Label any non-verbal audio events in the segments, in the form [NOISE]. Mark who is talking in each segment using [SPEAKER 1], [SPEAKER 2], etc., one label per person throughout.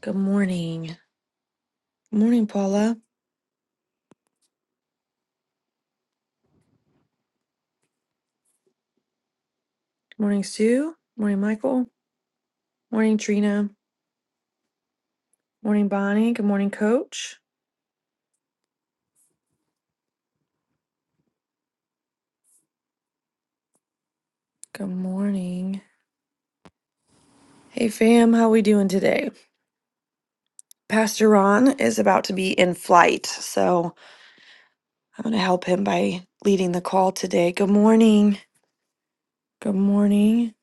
[SPEAKER 1] Good morning. Good morning, Paula. Good morning, Sue. Good morning, Michael. Good morning, Trina. Good morning, Bonnie. Good morning, Coach. Good morning. Hey, fam. How we doing today? Pastor Ron is about to be in flight, so I'm going to help him by leading the call today. Good morning. Good morning.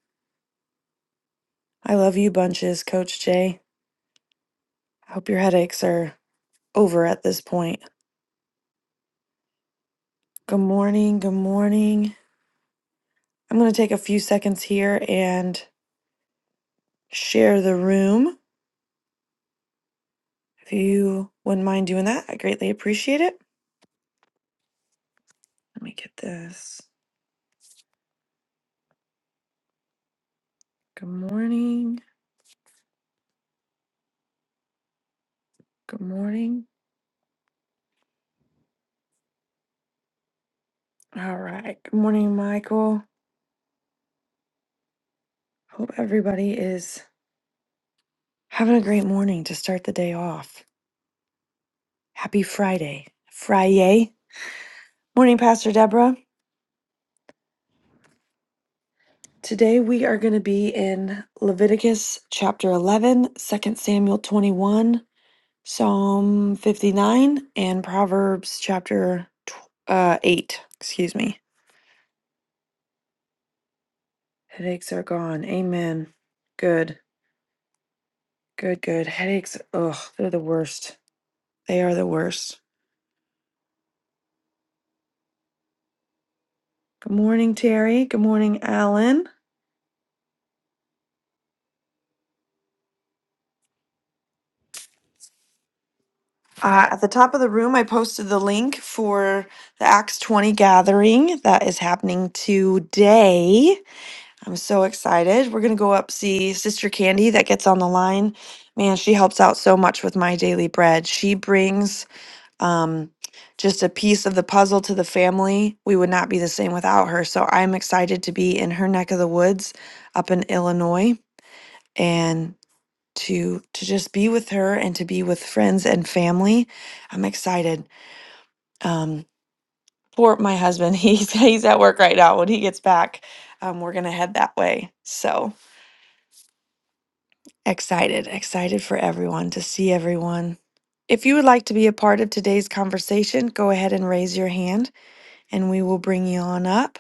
[SPEAKER 1] I love you bunches, Coach Jay. I hope your headaches are over at this point. Good morning. Good morning. I'm going to take a few seconds here and share the room. If you wouldn't mind doing that, I greatly appreciate it. Let me get this. Good morning. Good morning. All right. Good morning, Michael. Hope everybody is having a great morning to start the day off. Happy Friday. Friday. Morning, Pastor Deborah. Today we are going to be in Leviticus chapter 11, two Samuel 21, Psalm 59, and Proverbs chapter tw- uh, 8. Excuse me. Headaches are gone. Amen. Good, good, good. Headaches, ugh, they're the worst. They are the worst. Good morning, Terry. Good morning, Alan. Uh, at the top of the room, I posted the link for the Acts 20 gathering that is happening today. I'm so excited. We're going to go up see Sister Candy that gets on the line. Man, she helps out so much with my daily bread. She brings um, just a piece of the puzzle to the family. We would not be the same without her. So I'm excited to be in her neck of the woods up in Illinois and to to just be with her and to be with friends and family. I'm excited. Um, for my husband, [LAUGHS] he's he's at work right now. When he gets back, um, we're gonna head that way. So excited, excited for everyone to see everyone. If you would like to be a part of today's conversation, go ahead and raise your hand. and we will bring you on up.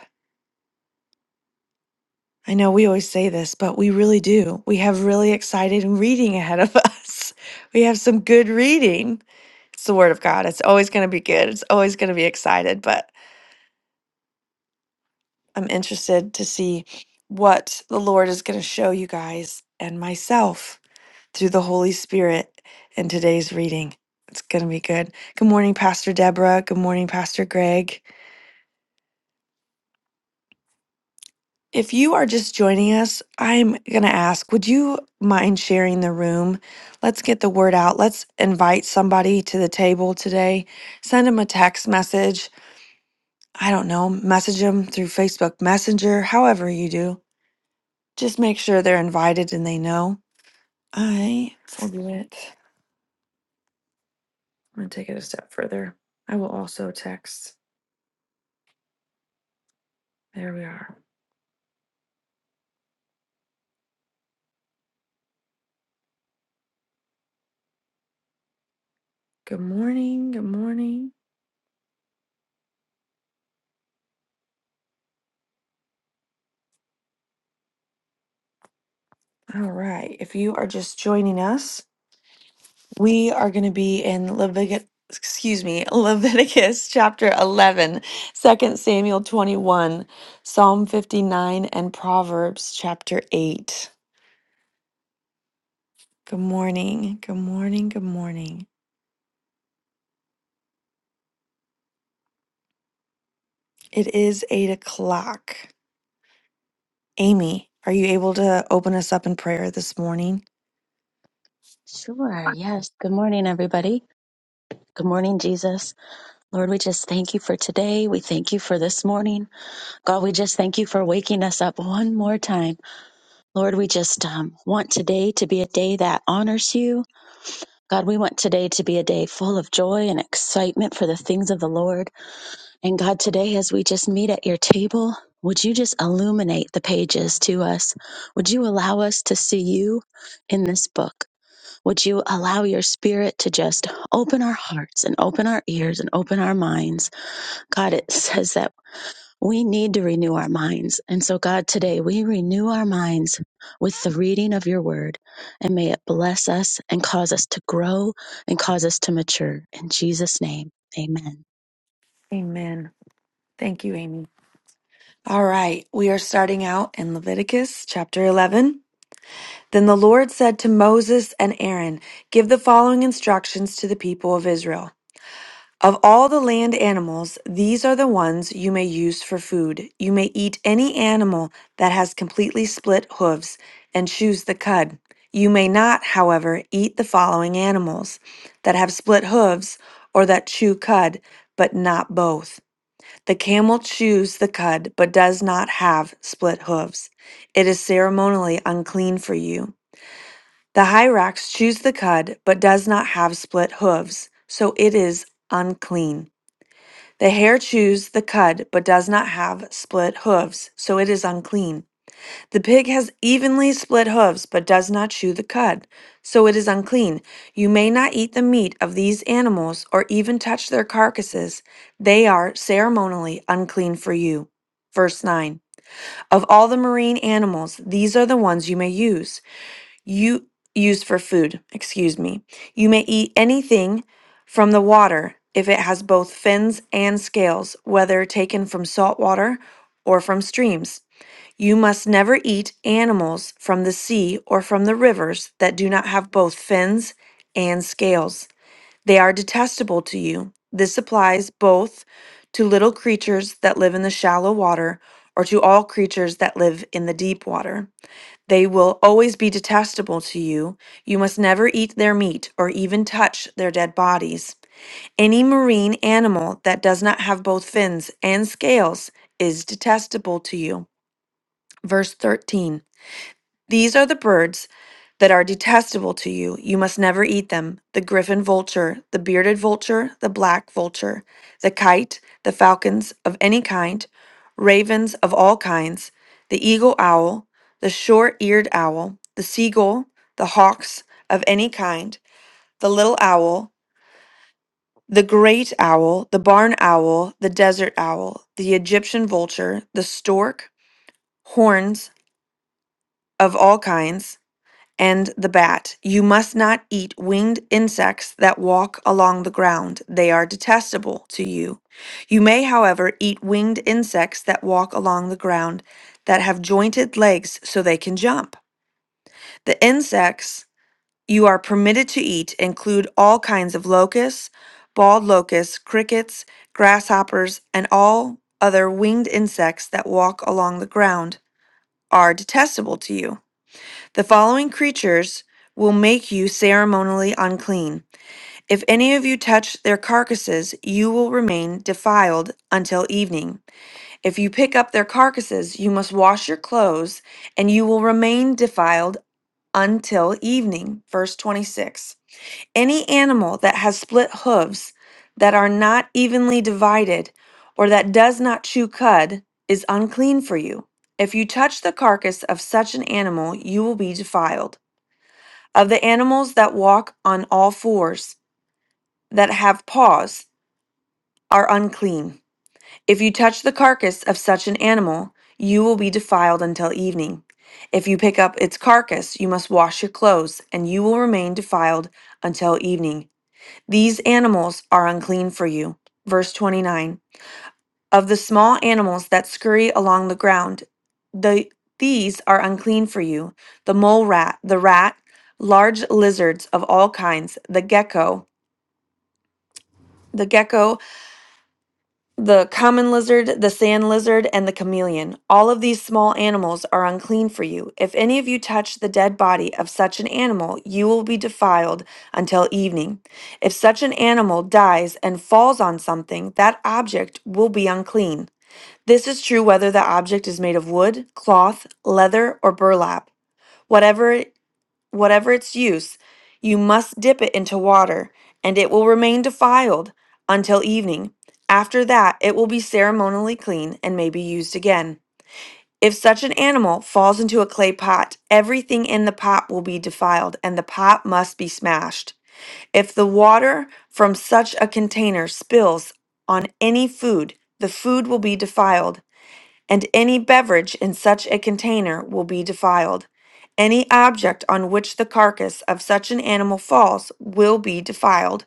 [SPEAKER 1] I know we always say this, but we really do. We have really exciting reading ahead of [LAUGHS] us. We have some good reading. It's the Word of God. It's always going to be good. It's always going to be excited, but I'm interested to see what the Lord is going to show you guys and myself through the Holy Spirit in today's reading. It's going to be good. Good morning, Pastor Deborah. Good morning, Pastor Greg. If you are just joining us, I'm going to ask, would you mind sharing the room? Let's get the word out. Let's invite somebody to the table today. Send them a text message. I don't know, message them through Facebook Messenger, however you do. Just make sure they're invited and they know. I will do it. I'm going to take it a step further. I will also text. There we are. Good morning. Good morning. All right. If you are just joining us, We are going to be in Leviticus, excuse me, [LAUGHS] Leviticus chapter 11, Second Samuel 21, Psalm 59, and Proverbs chapter 8. Good morning. Good morning. Good morning. It is 8 o'clock. Amy, are you able to open us up in prayer this morning?
[SPEAKER 2] Sure. Yes. Good morning, everybody. Good morning, Jesus. Lord, we just thank you for today. We thank you for this morning. God, we just thank you for waking us up one more time. Lord, we just um, want today to be a day that honors you. God, we want today to be a day full of joy and excitement for the things of the Lord. And God, today, as we just meet at your table, would you just illuminate the pages to us? Would you allow us to see you in this book? Would you allow your spirit to just open our hearts and open our ears and open our minds? God, it [LAUGHS] says that we need to renew our minds. And so, God, today we renew our minds with the reading of your word. And may it bless us and cause us to grow and cause us to mature. In Jesus' name, amen.
[SPEAKER 1] Amen. Thank you, Amy. All right. We are starting out in Leviticus chapter 11. Then the Lord said to Moses and Aaron, Give the following instructions to the people of Israel. Of all the land animals, these are the ones you may use for food. You may eat any animal that has completely split hooves and choose the cud. You may not, however, eat the following animals that have split hooves or that chew cud, but not both. The camel chews the cud, but does not have split hooves. It is ceremonially unclean for you. The hyrax chews the cud, but does not have split hooves, so it is unclean. The hare chews the cud, but does not have split hooves, so it is unclean. The pig has evenly split hooves, but does not chew the cud, so it is unclean. You may not eat the meat of these animals or even touch their carcasses. They are ceremonially unclean for you. Verse 9 Of all the marine animals, these are the ones you may use you used for food, excuse me. You may eat anything from the water if it has both fins and scales, whether taken from salt water or from streams. You must never eat animals from the sea or from the rivers that do not have both fins and scales. They are detestable to you. This applies both to little creatures that live in the shallow water or to all creatures that live in the deep water. They will always be detestable to you. You must never eat their meat or even touch their dead bodies. Any marine animal that does not have both fins and scales is detestable to you. Verse 13. These are the birds that are detestable to you. You must never eat them the griffin vulture, the bearded vulture, the black vulture, the kite, the falcons of any kind, ravens of all kinds, the eagle owl, the short eared owl, the seagull, the hawks of any kind, the little owl, the great owl, the barn owl, the desert owl, the Egyptian vulture, the stork, horns of all kinds and the bat. You must not eat winged insects that walk along the ground. They are detestable to you. You may, however, eat winged insects that walk along the ground that have jointed legs so they can jump. The insects you are permitted to eat include all kinds of locusts, bald locusts, crickets, grasshoppers, and all other winged insects that walk along the ground are detestable to you. The following creatures will make you ceremonially unclean. If any of you touch their carcasses, you will remain defiled until evening. If you pick up their carcasses, you must wash your clothes, and you will remain defiled until evening. Verse 26. Any animal that has split hooves, that are not evenly divided, or that does not chew cud, is unclean for you. If you touch the carcass of such an animal, you will be defiled of the animals that walk on all fours, that have paws, are unclean. If you touch the carcass of such an animal, you will be defiled until evening. If you pick up its carcass, you must wash your clothes, and you will remain defiled until evening. These animals are unclean for you. Verse 29. Of the small animals that scurry along the ground, the, these are unclean for you the mole rat, the rat, large lizards of all kinds, the gecko, the gecko, the common lizard, the sand lizard, and the chameleon. All of these small animals are unclean for you. If any of you touch the dead body of such an animal, you will be defiled until evening. If such an animal dies and falls on something, that object will be unclean. This is true whether the object is made of wood, cloth, leather, or burlap. Whatever, it- whatever its use, you must dip it into water, and it will remain defiled until evening. After that, it will be ceremonially clean and may be used again. If such an animal falls into a clay pot, everything in the pot will be defiled, and the pot must be smashed. If the water from such a container spills on any food, the food will be defiled and any beverage in such a container will be defiled. Any object on which the carcass of such an animal falls will be defiled.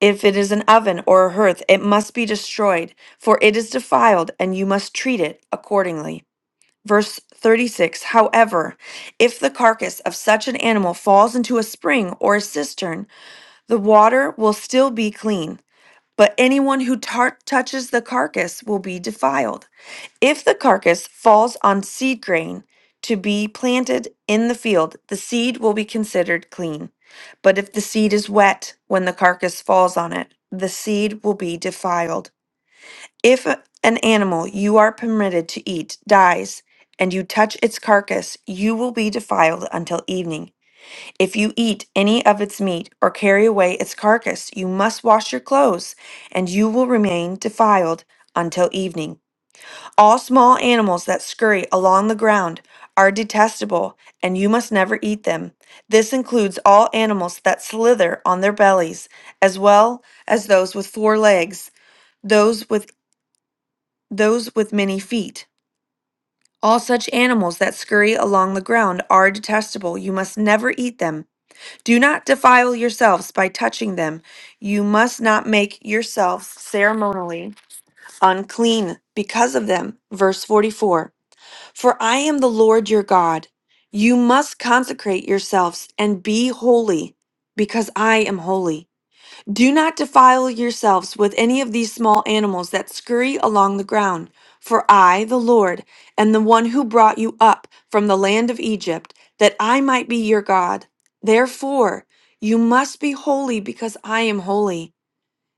[SPEAKER 1] If it is an oven or a hearth, it must be destroyed, for it is defiled, and you must treat it accordingly. Verse 36 However, if the carcass of such an animal falls into a spring or a cistern, the water will still be clean, but anyone who tar- touches the carcass will be defiled. If the carcass falls on seed grain to be planted in the field, the seed will be considered clean. But if the seed is wet when the carcass falls on it, the seed will be defiled. If an animal you are permitted to eat dies and you touch its carcass, you will be defiled until evening. If you eat any of its meat or carry away its carcass, you must wash your clothes and you will remain defiled until evening. All small animals that scurry along the ground are detestable, and you must never eat them. This includes all animals that slither on their bellies, as well as those with four legs, those with those with many feet. All such animals that scurry along the ground are detestable. You must never eat them. Do not defile yourselves by touching them. You must not make yourselves ceremonially unclean because of them. Verse 44. For I am the Lord your God. You must consecrate yourselves and be holy, because I am holy. Do not defile yourselves with any of these small animals that scurry along the ground, for I, the Lord, am the one who brought you up from the land of Egypt, that I might be your God. Therefore, you must be holy because I am holy.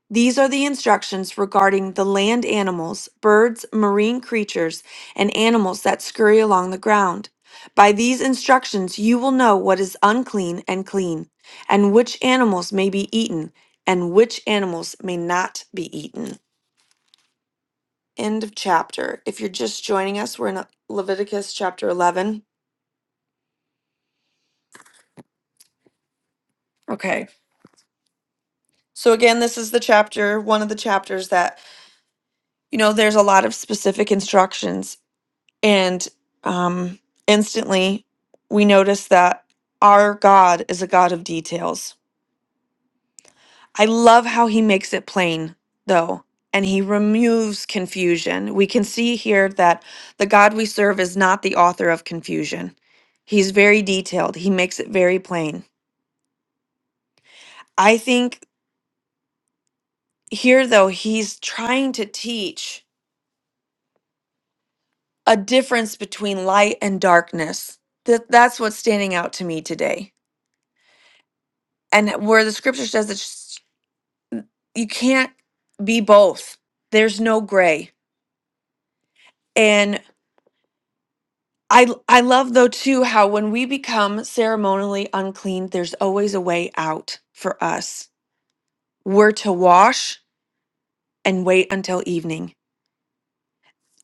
[SPEAKER 1] These are the instructions regarding the land animals, birds, marine creatures, and animals that scurry along the ground. By these instructions, you will know what is unclean and clean, and which animals may be eaten, and which animals may not be eaten. End of chapter. If you're just joining us, we're in Leviticus chapter 11. Okay. So, again, this is the chapter, one of the chapters that, you know, there's a lot of specific instructions And um, instantly, we notice that our God is a God of details. I love how he makes it plain, though, and he removes confusion. We can see here that the God we serve is not the author of confusion. He's very detailed, he makes it very plain. I think here, though, he's trying to teach a difference between light and darkness. That, that's what's standing out to me today and where the scripture says that you can't be both. There's no gray. And I I love though too how when we become ceremonially unclean, there's always a way out for us. We're to wash and wait until evening.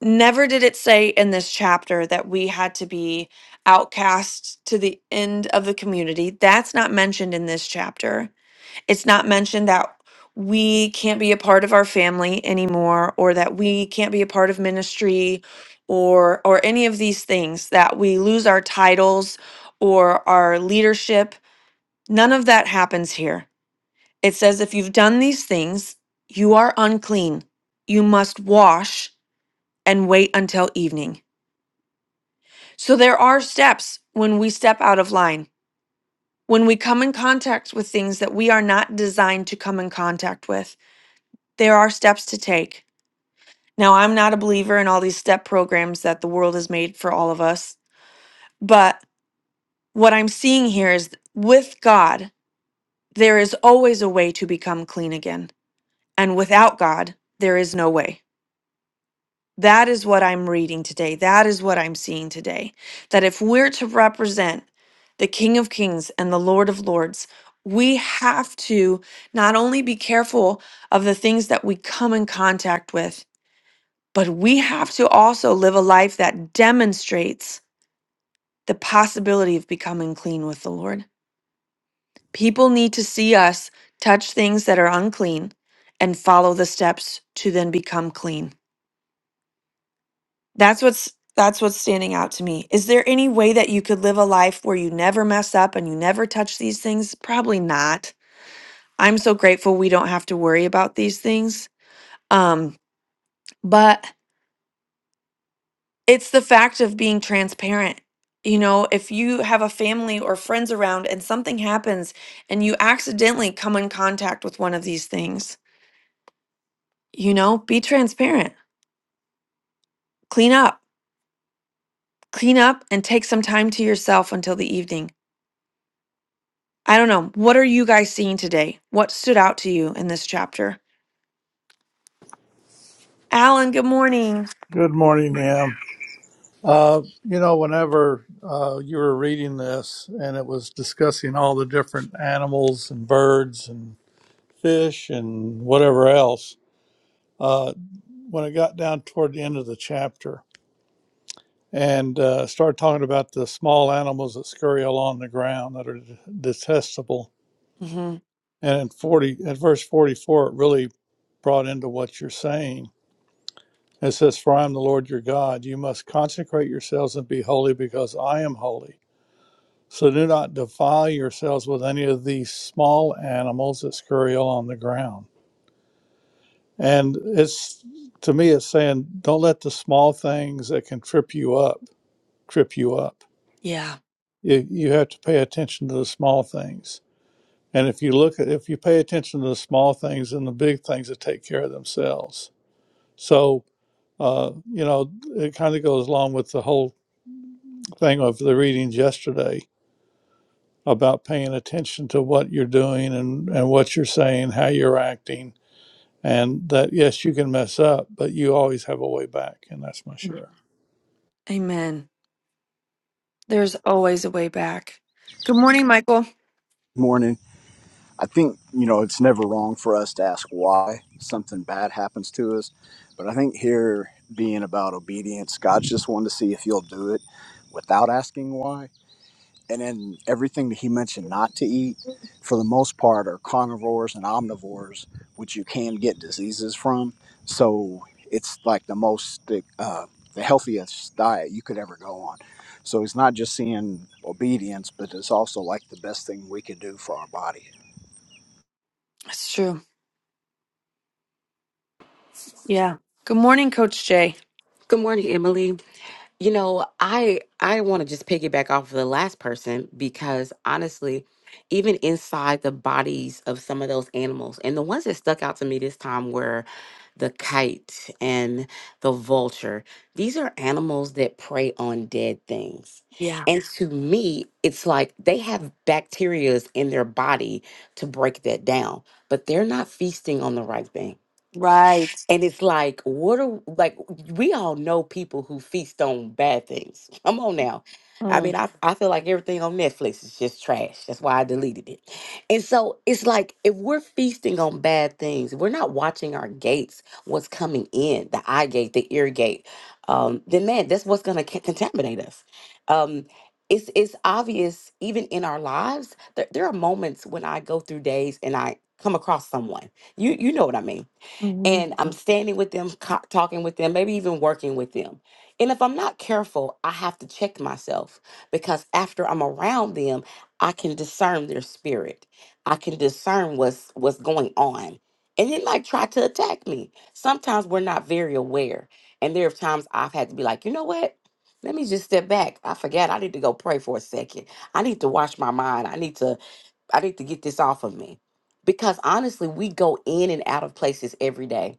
[SPEAKER 1] Never did it say in this chapter that we had to be outcast to the end of the community. That's not mentioned in this chapter It's not mentioned that we can't be a part of our family anymore or that we can't be a part of ministry or or any of these things that we lose our titles or our leadership. None of that happens here. It says if you've done these things, you are unclean. You must wash and wait until evening. So there are steps when we step out of line. When we come in contact with things that we are not designed to come in contact with there are steps to take. Now, I'm not a believer in all these step programs that the world has made for all of us, but what I'm seeing here is with God, there is always a way to become clean again. And without God, there is no way. That is what I'm reading today. That is what I'm seeing today. That if we're to represent the King of Kings and the Lord of Lords, we have to not only be careful of the things that we come in contact with, But we have to also live a life that demonstrates the possibility of becoming clean with the Lord. People need to see us touch things that are unclean and follow the steps to then become clean. That's what's that's what's standing out to me. Is there any way that you could live a life where you never mess up and you never touch these things? Probably not. I'm so grateful we don't have to worry about these things. Um, but it's the fact of being transparent. You know, if you have a family or friends around and something happens and you accidentally come in contact with one of these things, you know, be transparent. Clean up. Clean up and take some time to yourself until the evening. I don't know. What are you guys seeing today? What stood out to you in this chapter? Alan, good morning.
[SPEAKER 3] Good morning, Em. Uh, you know, whenever uh, you were reading this and it was discussing all the different animals and birds and fish and whatever else, uh, when it got down toward the end of the chapter and uh, started talking about the small animals that scurry along the ground that are detestable,
[SPEAKER 1] hmm
[SPEAKER 3] and in 40, at verse 44, it really brought into what you're saying. It says, For I am the Lord your God. You must consecrate yourselves and be holy because I am holy. So do not defile yourselves with any of these small animals that scurry on the ground. And it's to me, it's saying don't let the small things that can trip you up trip you up.
[SPEAKER 1] Yeah.
[SPEAKER 3] You, you have to pay attention to the small things. And if you look at, if you pay attention to the small things and the big things that take care of themselves. So, uh, you know, it kind of goes along with the whole thing of the readings yesterday about paying attention to what you're doing and, and what you're saying, how you're acting, and that yes, you can mess up, but you always have a way back. And that's my
[SPEAKER 1] Mm.
[SPEAKER 3] share.
[SPEAKER 1] Amen. There's always a way back. Good morning, Michael.
[SPEAKER 4] morning. I think, you know, it's never wrong for us to ask why something bad happens to us. But I think here being about obedience, God's just wanting to see if you'll do it without asking why. And then everything that He mentioned not to eat, for the most part, are carnivores and omnivores, which you can get diseases from. So it's like the most, uh, the healthiest diet you could ever go on. So he's not just seeing obedience, but it's also like the best thing we could do for our body.
[SPEAKER 1] That's true. Yeah. Good morning, Coach Jay.
[SPEAKER 5] Good morning, Emily. You know, I I want to just piggyback off of the last person because honestly, even inside the bodies of some of those animals, and the ones that stuck out to me this time were the kite and the vulture. These are animals that prey on dead things.
[SPEAKER 1] Yeah.
[SPEAKER 5] And to me, it's like they have bacterias in their body to break that down, but they're not feasting on the right thing
[SPEAKER 1] Right.
[SPEAKER 5] and it's like, what are like we all know people who feast on bad things. [LAUGHS] Come on now. I
[SPEAKER 1] Mm.
[SPEAKER 5] mean, I, I feel like everything on Netflix is just trash. That's why I deleted it. And so it's like if we're feasting on bad things, we're not watching our gates, what's coming in, the eye gate, the ear gate, um, then man, that's what's gonna ca- contaminate us. Um, it's it's obvious even in our lives. There, there are moments when I go through days and I come across someone. You you know what I mean
[SPEAKER 1] hmm
[SPEAKER 5] and I'm standing with them, co- talking with them, maybe even working with them. And if I'm not careful, I have to check myself because after I'm around them, I can discern their spirit. I can discern what's what's going on. And it might try to attack me. Sometimes we're not very aware. And there are times I've had to be like, you know what? Let me just step back. I forgot I need to go pray for a second. I need to wash my mind. I need to I need to get this off of me. Because honestly, we go in and out of places every day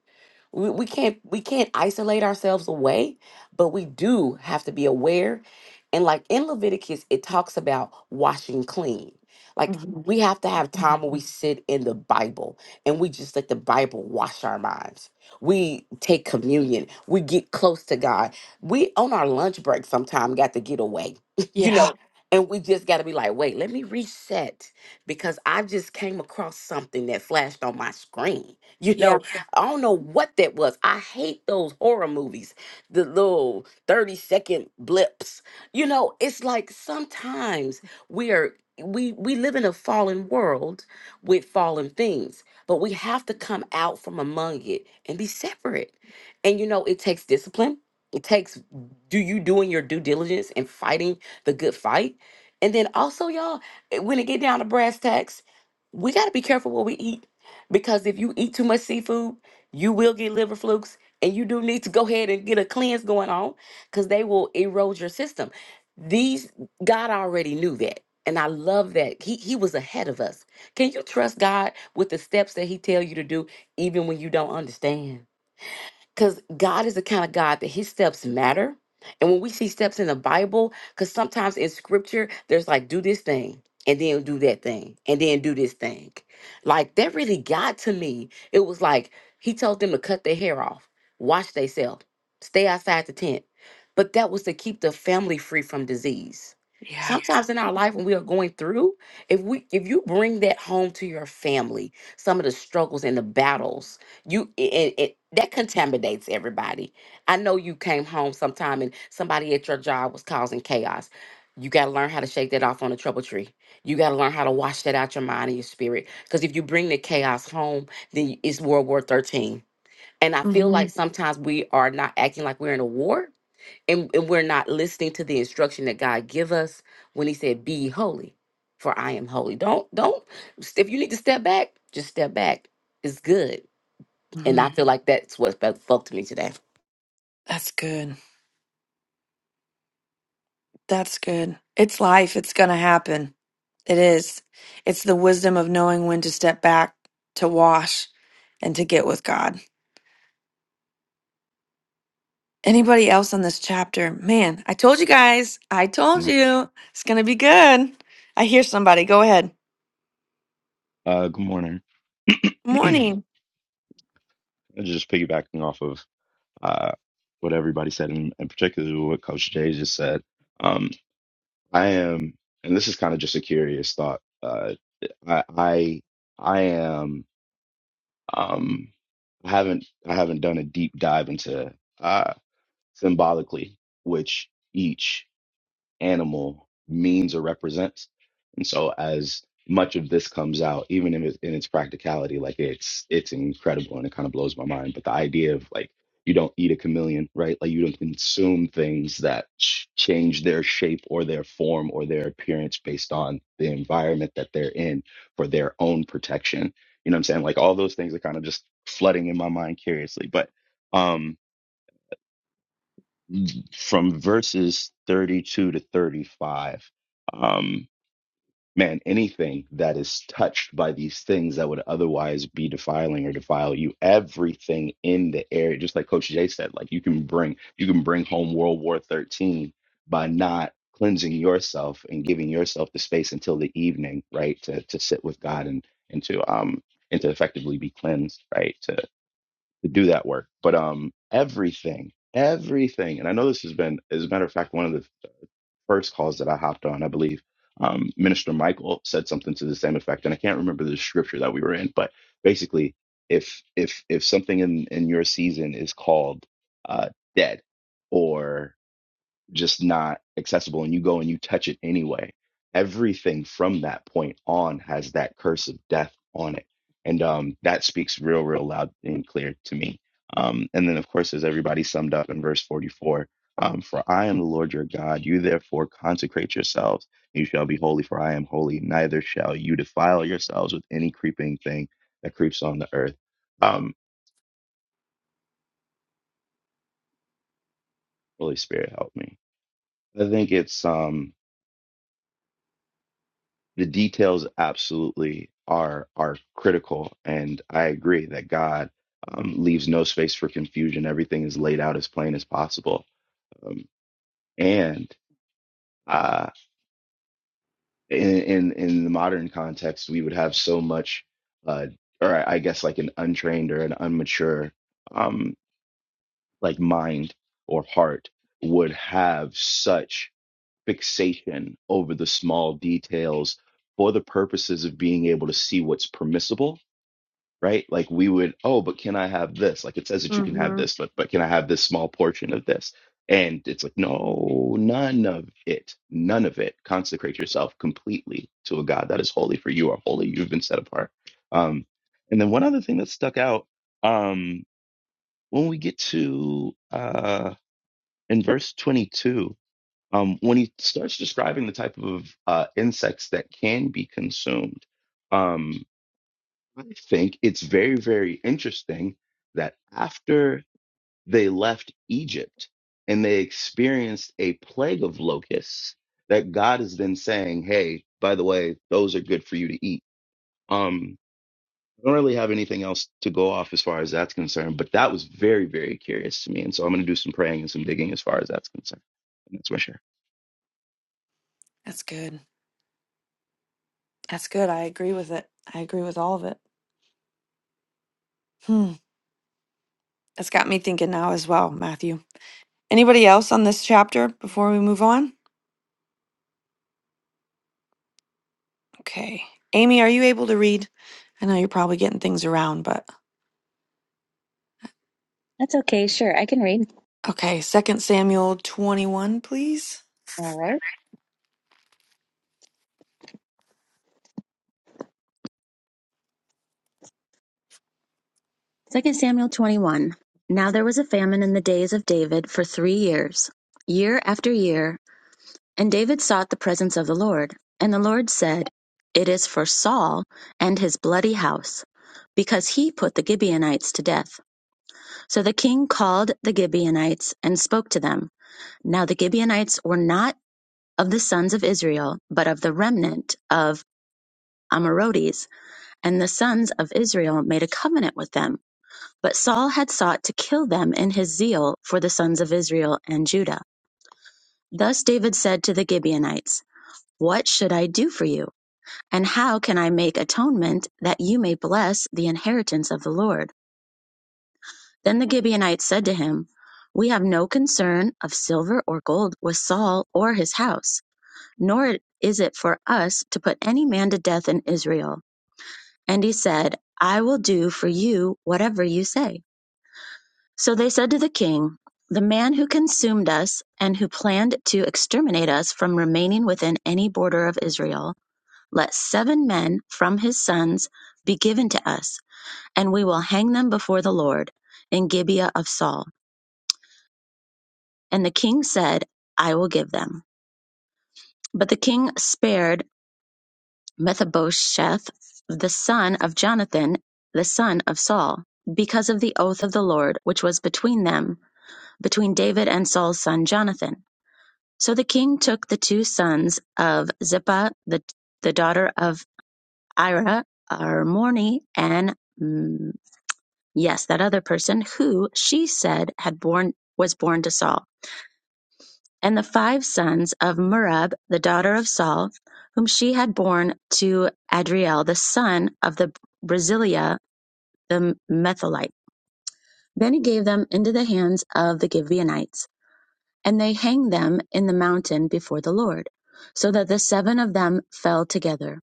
[SPEAKER 5] we, we can't we can't isolate ourselves away but we do have to be aware and like in leviticus it talks about washing clean like
[SPEAKER 1] hmm
[SPEAKER 5] we have to have time where we sit in the bible and we just let the bible wash our minds we take communion we get close to god we on our lunch break sometime got to get away [LAUGHS] you
[SPEAKER 1] Yeah.
[SPEAKER 5] know and we just got to be like wait let me reset because i just came across something that flashed on my screen [LAUGHS] you
[SPEAKER 1] Yeah.
[SPEAKER 5] know I don't know what that was. I hate those horror movies, the little 30 second blips. You know, it's like sometimes we are we we live in a fallen world with fallen things, but we have to come out from among it and be separate. And you know, it takes discipline. It takes do you doing your due diligence and fighting the good fight. And then also, y'all, eh, when it get down to brass tacks, we got to be careful what we eat because if you eat too much seafood, you will get liver flukes and you do need to go ahead and get a cleanse going on because they will erode your system these god already knew that and i love that he, he was ahead of us can you trust god with the steps that he tell you to do even when you don't understand because God is the kind of God that his steps matter. And when we see steps in the Bible, because sometimes in scripture, there's like, do this thing and then do that thing and then do this thing. Like that really got to me. It was like he told them to cut their hair off, wash themselves, stay outside the tent. But that was to keep the family free from disease.
[SPEAKER 1] Yeah.
[SPEAKER 5] Sometimes in our life when we are going through, if we if you bring that home to your family, some of the struggles and the battles you it, it it- that contaminates everybody i know you came home sometime and somebody at your job was causing chaos you got to learn how to shake that off on a trouble tree you got to learn how to wash that out your mind and your spirit because if you bring the chaos home then y- it's world war 13 and i feel
[SPEAKER 1] hmm
[SPEAKER 5] like sometimes we are not acting like we're in a war and, and we're not listening to the instruction that god give us when he said be ye holy for i am holy don't don't if you need to step back just step back it's good and
[SPEAKER 1] hmm
[SPEAKER 5] I feel like that's what spoke to me today.
[SPEAKER 1] That's good. That's good. It's life. It's going to happen. It is. It's the wisdom of knowing when to step back, to wash, and to get with God. Anybody else on this chapter? Man, I told you guys. I told
[SPEAKER 6] No.
[SPEAKER 1] you. It's going to be good. I hear somebody. Go ahead.
[SPEAKER 6] Uh, good morning. [CLEARS THROAT]
[SPEAKER 1] Morning.
[SPEAKER 6] Just piggybacking off of uh, what everybody said, and, and particularly what Coach Jay just said. Um, I am, and this is kind of just a curious thought. Uh, I, I, I am. Um, I haven't, I haven't done a deep dive into uh, symbolically which each. animal means or represents. And so as much of this comes out, even in its, in its practicality, like it's it's incredible and it kind of blows my mind. But the idea of like you don't eat a chameleon, right? Like you don't consume things that ch- change their shape or their form or their appearance based on the environment that they're in for their own protection. You know what I'm saying? Like all those things are kind of just flooding in my mind curiously. But um from verses 32 to 35, um, man, anything that is touched by these things that would otherwise be defiling or defile you, everything in the air, just like Coach Jay said, like you can bring you can bring home World War 13 by not cleansing yourself and giving yourself the space until the evening, right? To to sit with God and and to um and to effectively be cleansed, right? To to do that work. But um everything, everything, and I know this has been, as a matter of fact, one of the first calls that I hopped on, I believe um, Minister Michael said something to the same effect, and I can't remember the scripture that we were in, but basically, if if if something in in your season is called uh, dead, just not accessible and you go and you touch it anyway everything from that point on has that curse of death on it and um that speaks real real loud and clear to me um and then of course as everybody summed up in verse 44 um, for I am the Lord your God. You therefore consecrate yourselves. You shall be holy, for I am holy. Neither shall you defile yourselves with any creeping thing that creeps on the earth. Um, holy Spirit, help me. I think it's um, the details absolutely are are critical and i agree that god um, leaves no space for confusion everything is laid out as plain as possible um, and uh, in, in in the modern context we would have so much uh, or i I guess like an untrained or an unmature um, like mind or heart would have such fixation over the small details for the purposes of being able to see what's permissible right? Like we would, oh, but can I have this? Like it says that you can have
[SPEAKER 1] Mm-hmm.
[SPEAKER 6] this, but but can I have this small portion of this? And it's like, no, none of it, none of it. Consecrate yourself completely to a God that is holy, for you are holy. You've been set apart. Um, and then one other thing that stuck out um, when we get to uh, in verse 22, um, when he starts describing the type of uh, insects that can be consumed, Um, I think it's very, very interesting that after they left Egypt and they experienced a plague of locusts, that God is then saying, Hey, by the way, those are good for you to eat. Um, I don't really have anything else to go off as far as that's concerned, but that was very, very curious to me. And so I'm going to do some praying and some digging as far as that's concerned. And that's my share.
[SPEAKER 1] That's good. That's good. I agree with it. I agree with all of it. Hmm. That's got me thinking now as well, Matthew. Anybody else on this chapter before we move on? Okay. Amy, are you able to read? I know you're probably getting things around, but
[SPEAKER 2] That's okay. Sure. I can read.
[SPEAKER 1] Okay, Second Samuel 21, please.
[SPEAKER 2] All right. right. Second Samuel 21. Now there was a famine in the days of David for three years. Year after year, And David sought the presence of the Lord. And the Lord said, It is for Saul and his bloody house, because he put the Gibeonites to death. So the king called the Gibeonites and spoke to them. Now the Gibeonites were not of the sons of Israel, but of the remnant of Amorites. And the sons of Israel made a covenant with them. But Saul had sought to kill them in his zeal for the sons of Israel and Judah. Thus David said to the Gibeonites, What should I do for you? And how can I make atonement that you may bless the inheritance of the Lord? Then the Gibeonites said to him, We have no concern of silver or gold with Saul or his house, nor is it for us to put any man to death in Israel. And he said, I will do for you whatever you say. So they said to the king, The man who consumed us and who planned to exterminate us from remaining within any border of Israel, let seven men from his sons be given to us and we will hang them before the Lord in Gibeah of Saul. And the king said, I will give them. But the king spared Mephibosheth, the son of Jonathan, the son of Saul, because of the oath of the Lord which was between them, between David and Saul's son Jonathan. So the king took the two sons of Zippah, the, the daughter of Ira, Armoni, and mm, yes, that other person who she said had born was born to Saul and the five sons of Merab, the daughter of Saul, whom she had borne to Adriel, the son of the Brasilia, the Metholite. Then he gave them into the hands of the Gibeonites, and they hanged them in the mountain before the Lord, so that the seven of them fell together.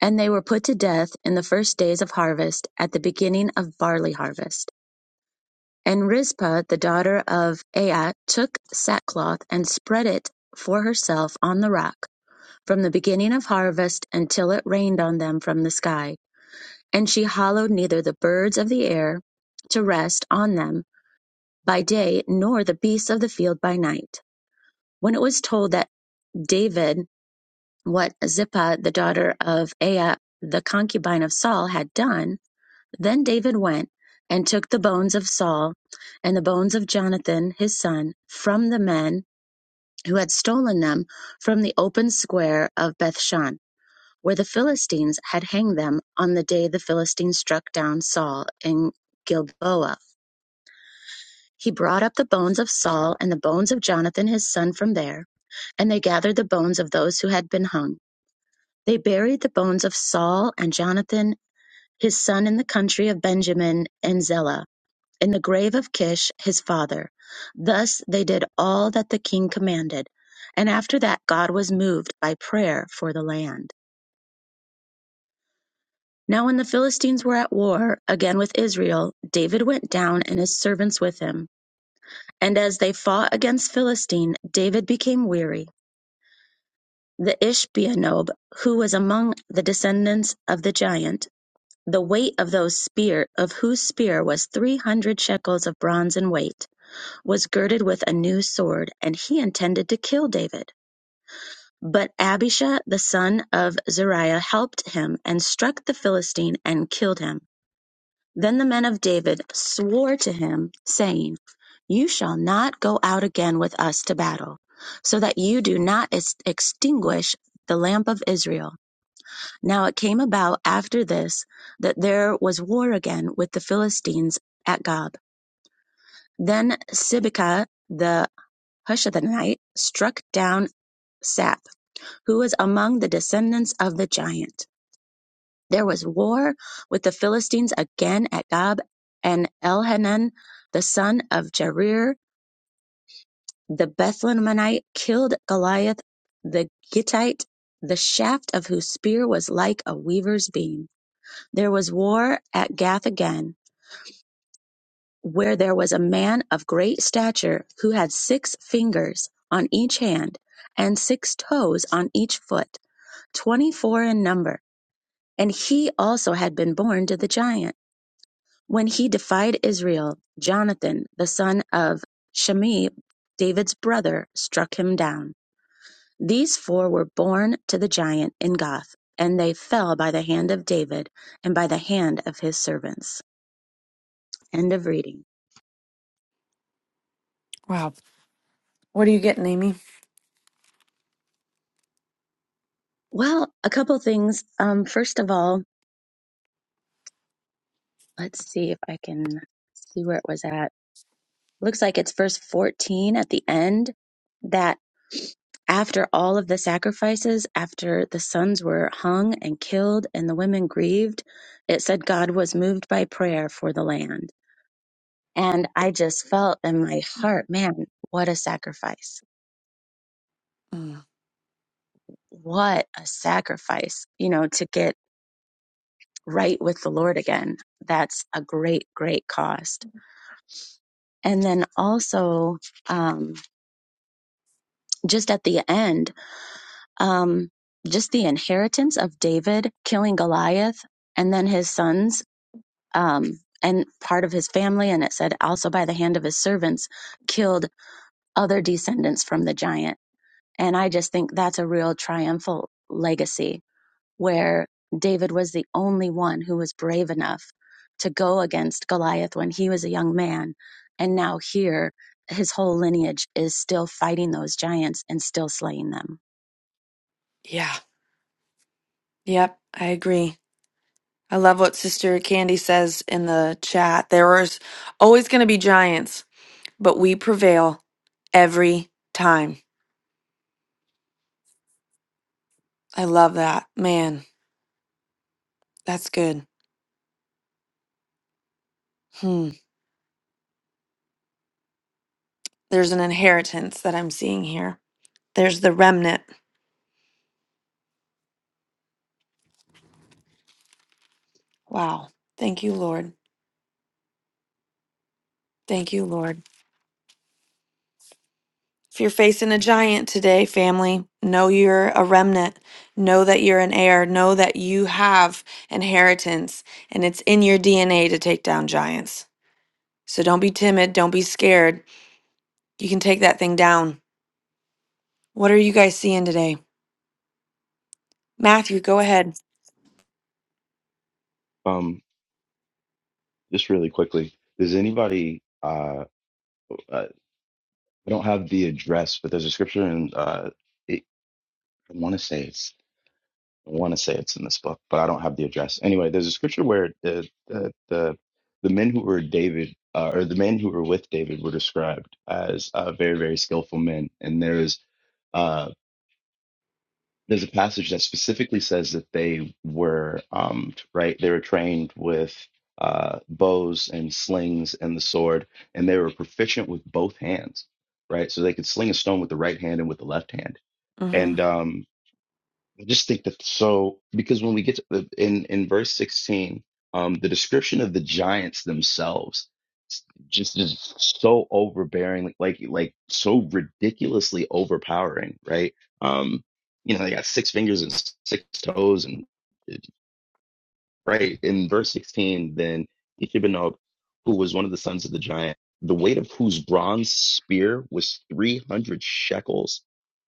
[SPEAKER 2] And they were put to death in the first days of harvest, at the beginning of barley harvest. And Rizpah, the daughter of Aiah, took sackcloth and spread it for herself on the rock from the beginning of harvest until it rained on them from the sky. And she hallowed neither the birds of the air to rest on them by day, nor the beasts of the field by night. When it was told that David, what Zippah, the daughter of Aiah, the concubine of Saul, had done, then David went and took the bones of Saul and the bones of Jonathan, his son, from the men who had stolen them from the open square of Bethshan where the Philistines had hanged them on the day the Philistines struck down Saul in Gilboa. He brought up the bones of Saul and the bones of Jonathan his son from there, and they gathered the bones of those who had been hung. They buried the bones of Saul and Jonathan his son in the country of Benjamin and Zelah, in the grave of Kish his father. Thus they did all that the king commanded. And after that, God was moved by prayer for the land. Now when the Philistines were at war again with Israel, David went down and his servants with him. And as they fought against Philistine, David became weary. The Ishbianob, who was among the descendants of the giant, the weight of those spear of whose spear was three hundred shekels of bronze in weight, was girded with a new sword, and he intended to kill David. But Abishai the son of Zeruiah helped him and struck the Philistine and killed him. Then the men of David swore to him, saying, You shall not go out again with us to battle, so that you do not ex- extinguish the lamp of Israel. Now it came about after this that there was war again with the Philistines at Gob. Then Sibekah the Hushathite struck down Sap, who was among the descendants of the giant. There was war with the Philistines again at Gob, and Elhanan the son of Jair the Bethlehemite killed Goliath the Gittite, the shaft of whose spear was like a weaver's beam. There was war at Gath again, where there was a man of great stature who had six fingers on each hand and six toes on each foot, twenty-four in number. And he also had been born to the giant. When he defied Israel, Jonathan, the son of Shimei, David's brother, struck him down. These four were born to the giant in Gath, and they fell by the hand of David and by the hand of his servants. End of reading.
[SPEAKER 1] Wow. What are you getting, Amy?
[SPEAKER 2] Well, a couple things. Um, first of all, let's see if I can see where it was at. looks like it's verse 14 at the end that after all of the sacrifices, after the sons were hung and killed and the women grieved, it said God was moved by prayer for the land. And I just felt in my heart, man, what a sacrifice.
[SPEAKER 1] Mm,
[SPEAKER 2] What a sacrifice, you know, to get right with the Lord again. That's a great, great cost. And then also, um, just at the end, um, just the inheritance of David killing Goliath and then his sons um, and part of his family. And it said, also by the hand of his servants, killed other descendants from the giant. And I just think that's a real triumphal legacy where David was the only one who was brave enough to go against Goliath when he was a young man. And now here, his whole lineage is still fighting those giants and still slaying them.
[SPEAKER 1] yeah. Yep, I agree. I love what Sister Candy says in the chat. There is always going to be giants, but we prevail every time. I love that. Man, that's good. Hmm. There's an inheritance that I'm seeing here. There's the remnant. Wow. Thank you, Lord. Thank you, Lord. If you're facing a giant today, family, know you're a remnant. Know that you're an heir. Know that you have inheritance and it's in your DNA to take down giants. So don't be timid. Don't be scared. You can take that thing down. What are you guys seeing today? Matthew, go ahead.
[SPEAKER 6] Um, just really quickly, does anybody, uh, uh, I don't have the address, but there's a scripture in uh, I want to say it's I want to say it's in this book, but I don't have the address. Anyway, there's a scripture where the the the, the men who were David uh, or the men who were with David were described as uh, very very skillful men, and there's uh, there's a passage that specifically says that they were um, right they were trained with uh, bows and slings and the sword, and they were proficient with both hands, right? So they could sling a stone with the right hand and with the left hand,
[SPEAKER 1] hmm
[SPEAKER 6] and um, I just think that so because when we get to the, in in verse 16, um, the description of the giants themselves s- just is so overbearing, like like so ridiculously overpowering, right? Um, you know, they got six fingers and s- six toes and uh, Right. In verse 16, then Ishibonob, who was one of the sons of the giant, the weight of whose bronze spear was 300 shekels,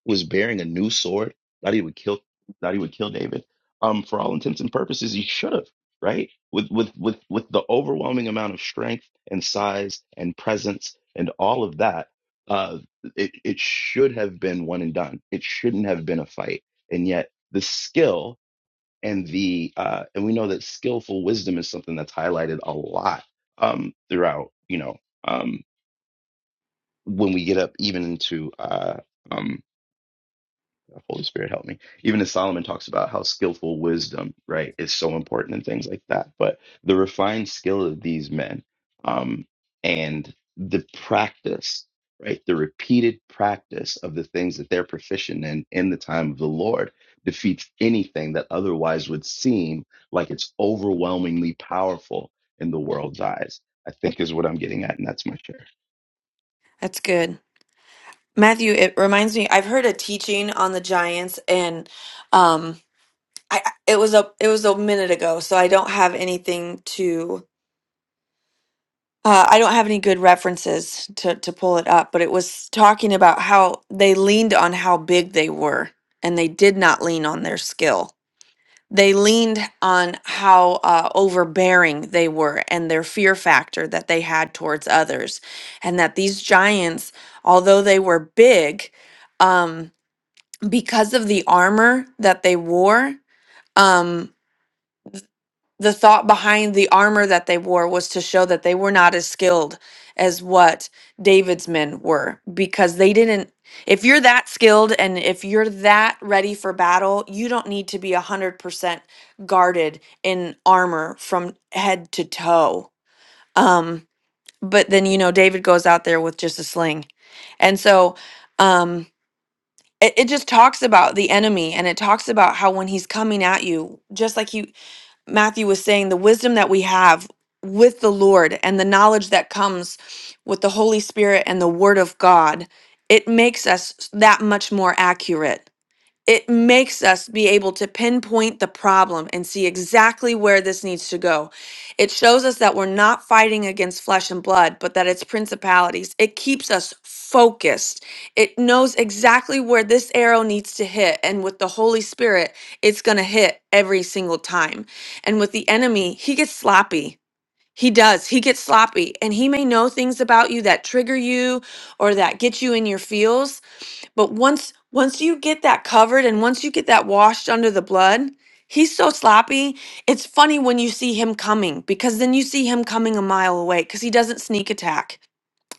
[SPEAKER 6] was bearing a new sword, thought he would kill, thought he would kill David. Um, for all intents and purposes, he should have, right? With, with, with, with the overwhelming amount of strength and size and presence and all of that, uh, it, it should have been one and done. It shouldn't have been a fight. And yet the skill and the uh, and we know that skillful wisdom is something that's highlighted a lot um, throughout you know um, when we get up even into uh, um, Holy Spirit help me. Even as Solomon talks about how skillful wisdom, right, is so important and things like that. But the refined skill of these men, um, and the practice, right, the repeated practice of the things that they're proficient in in the time of the Lord defeats anything that otherwise would seem like it's overwhelmingly powerful in the world's eyes. I think is what I'm getting at, and that's my share.
[SPEAKER 1] That's good. Matthew, it reminds me. I've heard a teaching on the Giants, and um, I it was a it was a minute ago, so I don't have anything to. Uh, I don't have any good references to to pull it up, but it was talking about how they leaned on how big they were, and they did not lean on their skill. They leaned on how uh, overbearing they were and their fear factor that they had towards others, and that these giants, although they were big. um, because of the armor that they wore, um, the thought behind the armor that they wore was to show that they were not as skilled as what David's men were because they didn't. If you're that skilled and if you're that ready for battle, you don't need to be 100% guarded in armor from head to toe. Um, but then, you know, David goes out there with just a sling. And so. Um, it, it just talks about the enemy and it talks about how when he's coming at you just like you matthew was saying the wisdom that we have with the lord and the knowledge that comes with the holy spirit and the word of god it makes us that much more accurate it makes us be able to pinpoint the problem and see exactly where this needs to go. It shows us that we're not fighting against flesh and blood, but that it's principalities. It keeps us focused. It knows exactly where this arrow needs to hit. And with the Holy Spirit, it's going to hit every single time. And with the enemy, he gets sloppy. He does. He gets sloppy. And he may know things about you that trigger you or that get you in your feels but once once you get that covered and once you get that washed under the blood, he's so sloppy. It's funny when you see him coming because then you see him coming a mile away cuz he doesn't sneak attack.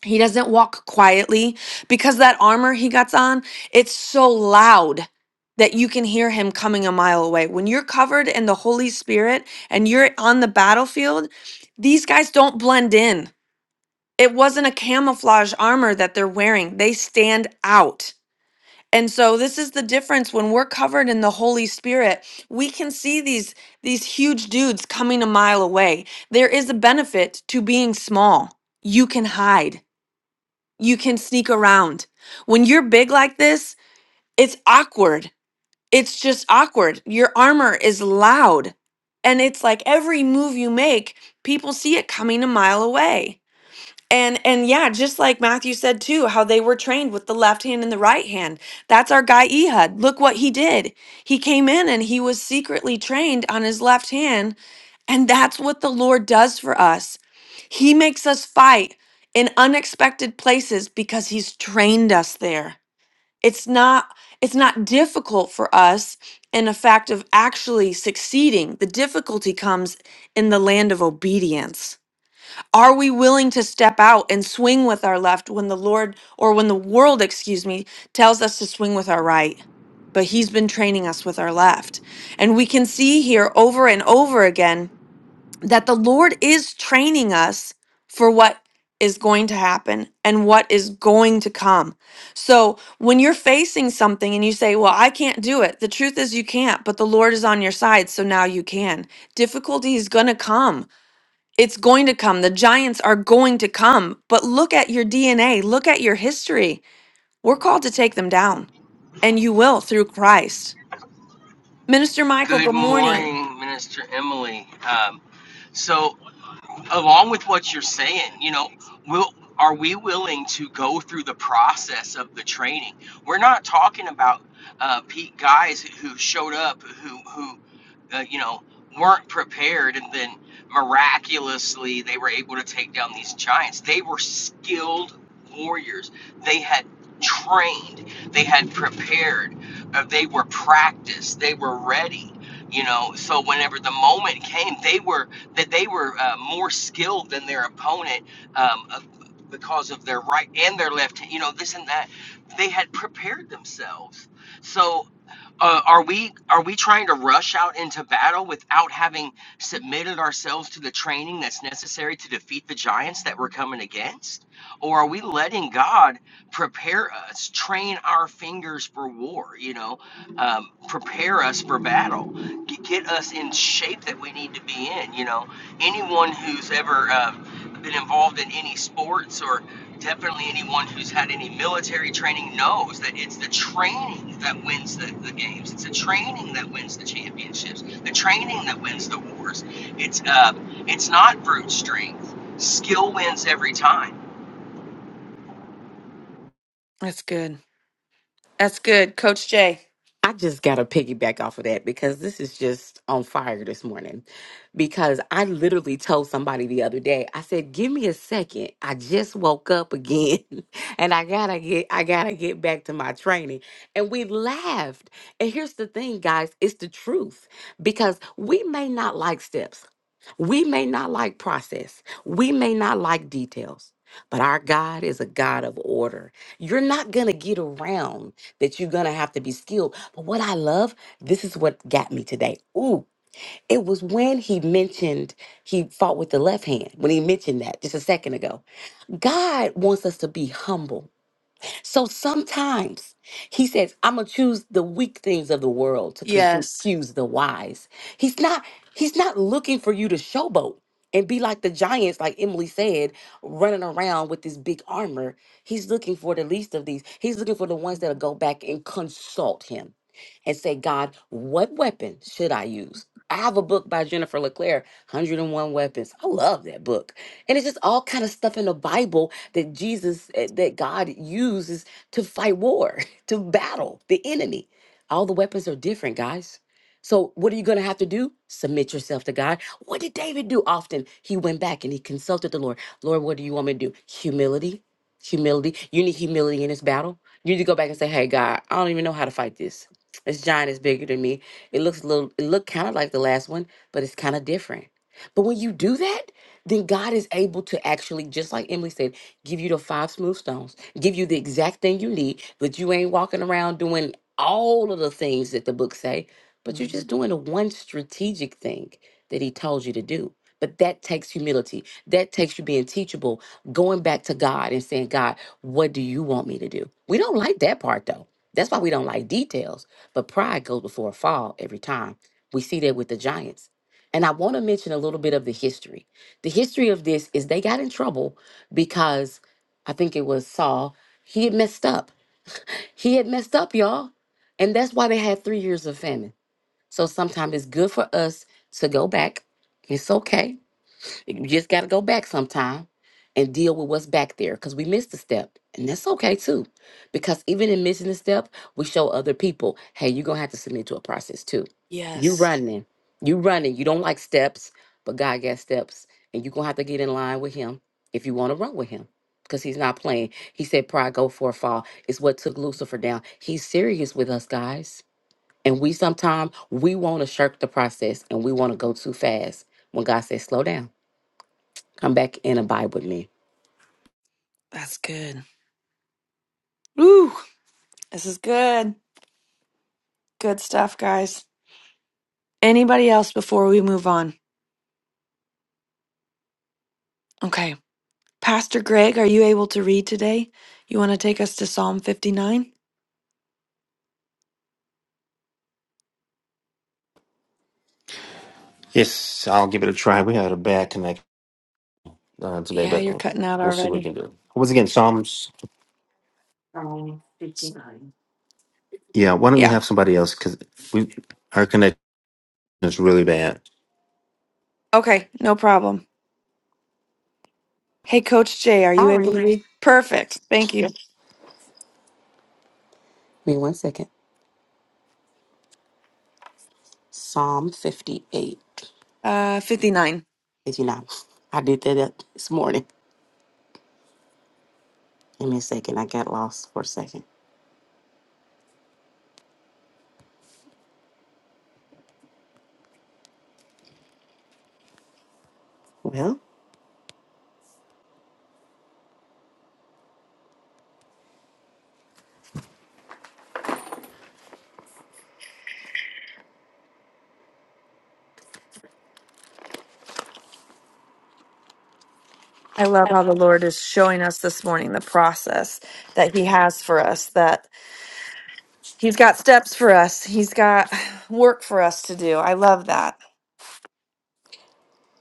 [SPEAKER 1] He doesn't walk quietly because that armor he gets on, it's so loud that you can hear him coming a mile away. When you're covered in the Holy Spirit and you're on the battlefield, these guys don't blend in. It wasn't a camouflage armor that they're wearing. They stand out. And so this is the difference when we're covered in the Holy Spirit, we can see these these huge dudes coming a mile away. There is a benefit to being small. You can hide. You can sneak around. When you're big like this, it's awkward. It's just awkward. Your armor is loud. And it's like every move you make, people see it coming a mile away. And and yeah, just like Matthew said too, how they were trained with the left hand and the right hand. That's our guy Ehud. Look what he did. He came in and he was secretly trained on his left hand, and that's what the Lord does for us. He makes us fight in unexpected places because he's trained us there. It's not it's not difficult for us in the fact of actually succeeding. The difficulty comes in the land of obedience. Are we willing to step out and swing with our left when the Lord, or when the world, excuse me, tells us to swing with our right? But He's been training us with our left. And we can see here over and over again that the Lord is training us for what is going to happen and what is going to come. So when you're facing something and you say, Well, I can't do it, the truth is you can't, but the Lord is on your side, so now you can. Difficulty is going to come it's going to come. The giants are going to come. But look at your DNA, look at your history. We're called to take them down, and you will through Christ. Minister Michael,
[SPEAKER 7] Good
[SPEAKER 1] good morning.
[SPEAKER 7] morning, Minister Emily. Um, so along with what you're saying, you know, will are we willing to go through the process of the training? We're not talking about uh, Pete guys who showed up who who uh, you know weren't prepared and then miraculously they were able to take down these giants. They were skilled warriors. They had trained. They had prepared. Uh, they were practiced. They were ready. You know, so whenever the moment came, they were that they were uh, more skilled than their opponent um, of, because of their right and their left hand, you know, this and that. They had prepared themselves. So uh, are we are we trying to rush out into battle without having submitted ourselves to the training that's necessary to defeat the giants that we're coming against or are we letting god prepare us train our fingers for war you know um, prepare us for battle get us in shape that we need to be in. You know, anyone who's ever um, been involved in any sports or definitely anyone who's had any military training knows that it's the training that wins the, the games. It's the training that wins the championships. The training that wins the wars. It's uh, it's not brute strength. Skill wins every time.
[SPEAKER 1] That's good. That's good. Coach Jay.
[SPEAKER 5] I just got to piggyback off of that because this is just on fire this morning. Because I literally told somebody the other day, I said, "Give me a second. I just woke up again, [LAUGHS] and I gotta get, I gotta get back to my training." And we laughed. And here's the thing, guys: it's the truth because we may not like steps, we may not like process, we may not like details. But our God is a God of order. You're not going to get around that you're going to have to be skilled. But what I love, this is what got me today. Ooh, it was when he mentioned he fought with the left hand, when he mentioned that just a second ago. God wants us to be humble. So sometimes he says, I'm gonna choose the weak things of the world to
[SPEAKER 1] Yes.
[SPEAKER 5] confuse the wise. He's not he's not looking for you to showboat and be like the giants, like Emily said, running around with this big armor. He's looking for the least of these. He's looking for the ones that'll go back and consult him and say, God, what weapon should I use? I have a book by Jennifer LeClaire, 101 Weapons. I love that book. And it's just all kind of stuff in the Bible that Jesus, eh, that God uses to fight war, [LAUGHS] to battle the enemy. All the weapons are different, guys. So, what are you going to have to do? Submit yourself to God. What did David do often? He went back and he consulted the Lord. Lord, what do you want me to do? Humility. Humility. You need humility in this battle. You need to go back and say, hey, God, I don't even know how to fight this. This giant is bigger than me. It looks a little, it looked kind of like the last one, but it's kind of different. But when you do that, then God is able to actually, just like Emily said, give you the five smooth stones, give you the exact thing you need, but you ain't walking around doing all of the things that the book say, but you're
[SPEAKER 1] Mhm.
[SPEAKER 5] just doing the one strategic thing that he told you to do. But that takes humility. That takes you being teachable, going back to God and saying, God, what do you want me to do? We don't like that part though. That's why we don't like details. But pride goes before a fall every time. We see that with the Giants. And I want to mention a little bit of the history. The history of this is they got in trouble because I think it was Saul, he had messed up. He had messed up, y'all. And that's why they had three years of famine. So sometimes it's good for us to go back. It's okay you just got to go back sometime and deal with what's back there because we missed a step. And that's okay too. Because even in missing a step, we show other people, hey, you're going to have to submit to a process too. you
[SPEAKER 1] Yes.
[SPEAKER 5] running. you running. You don't like steps, but God got steps. And you're going to have to get in line with Him if you want to run with Him because He's not playing. He said, pride go for a fall. It's what took Lucifer down. He's serious with us, guys. And we sometimes, we want to shirk the process and we want to go too fast when God says, slow down Come back and abide with me.
[SPEAKER 1] That's good. Woo. This is good. Good stuff, guys. Anybody else before we move on? Okay. Pastor Greg, are you able to read today? You want to take us to Psalm 59?
[SPEAKER 8] Yes, I'll give it a try. We had a bad connect uh, today,
[SPEAKER 1] Yeah,
[SPEAKER 8] but
[SPEAKER 1] you're cutting out
[SPEAKER 8] we'll see what we
[SPEAKER 1] already.
[SPEAKER 8] can do. Once again, Psalms. Yeah, why don't you have somebody else? Because we our connection is really bad.
[SPEAKER 1] Okay, no problem. Hey, Coach Jay, are you
[SPEAKER 5] I'll
[SPEAKER 1] able
[SPEAKER 5] read.
[SPEAKER 1] to
[SPEAKER 5] Give
[SPEAKER 1] read? Perfect. Thank you.
[SPEAKER 5] me one second. Psalm 58.
[SPEAKER 1] Uh, 59.
[SPEAKER 5] Did you not? I did that up this morning. Give me a second. I got lost for a second. Well,
[SPEAKER 1] I love how the Lord is showing us this morning the process that He has for us, that He's got steps for us, He's got work for us to do. I love that.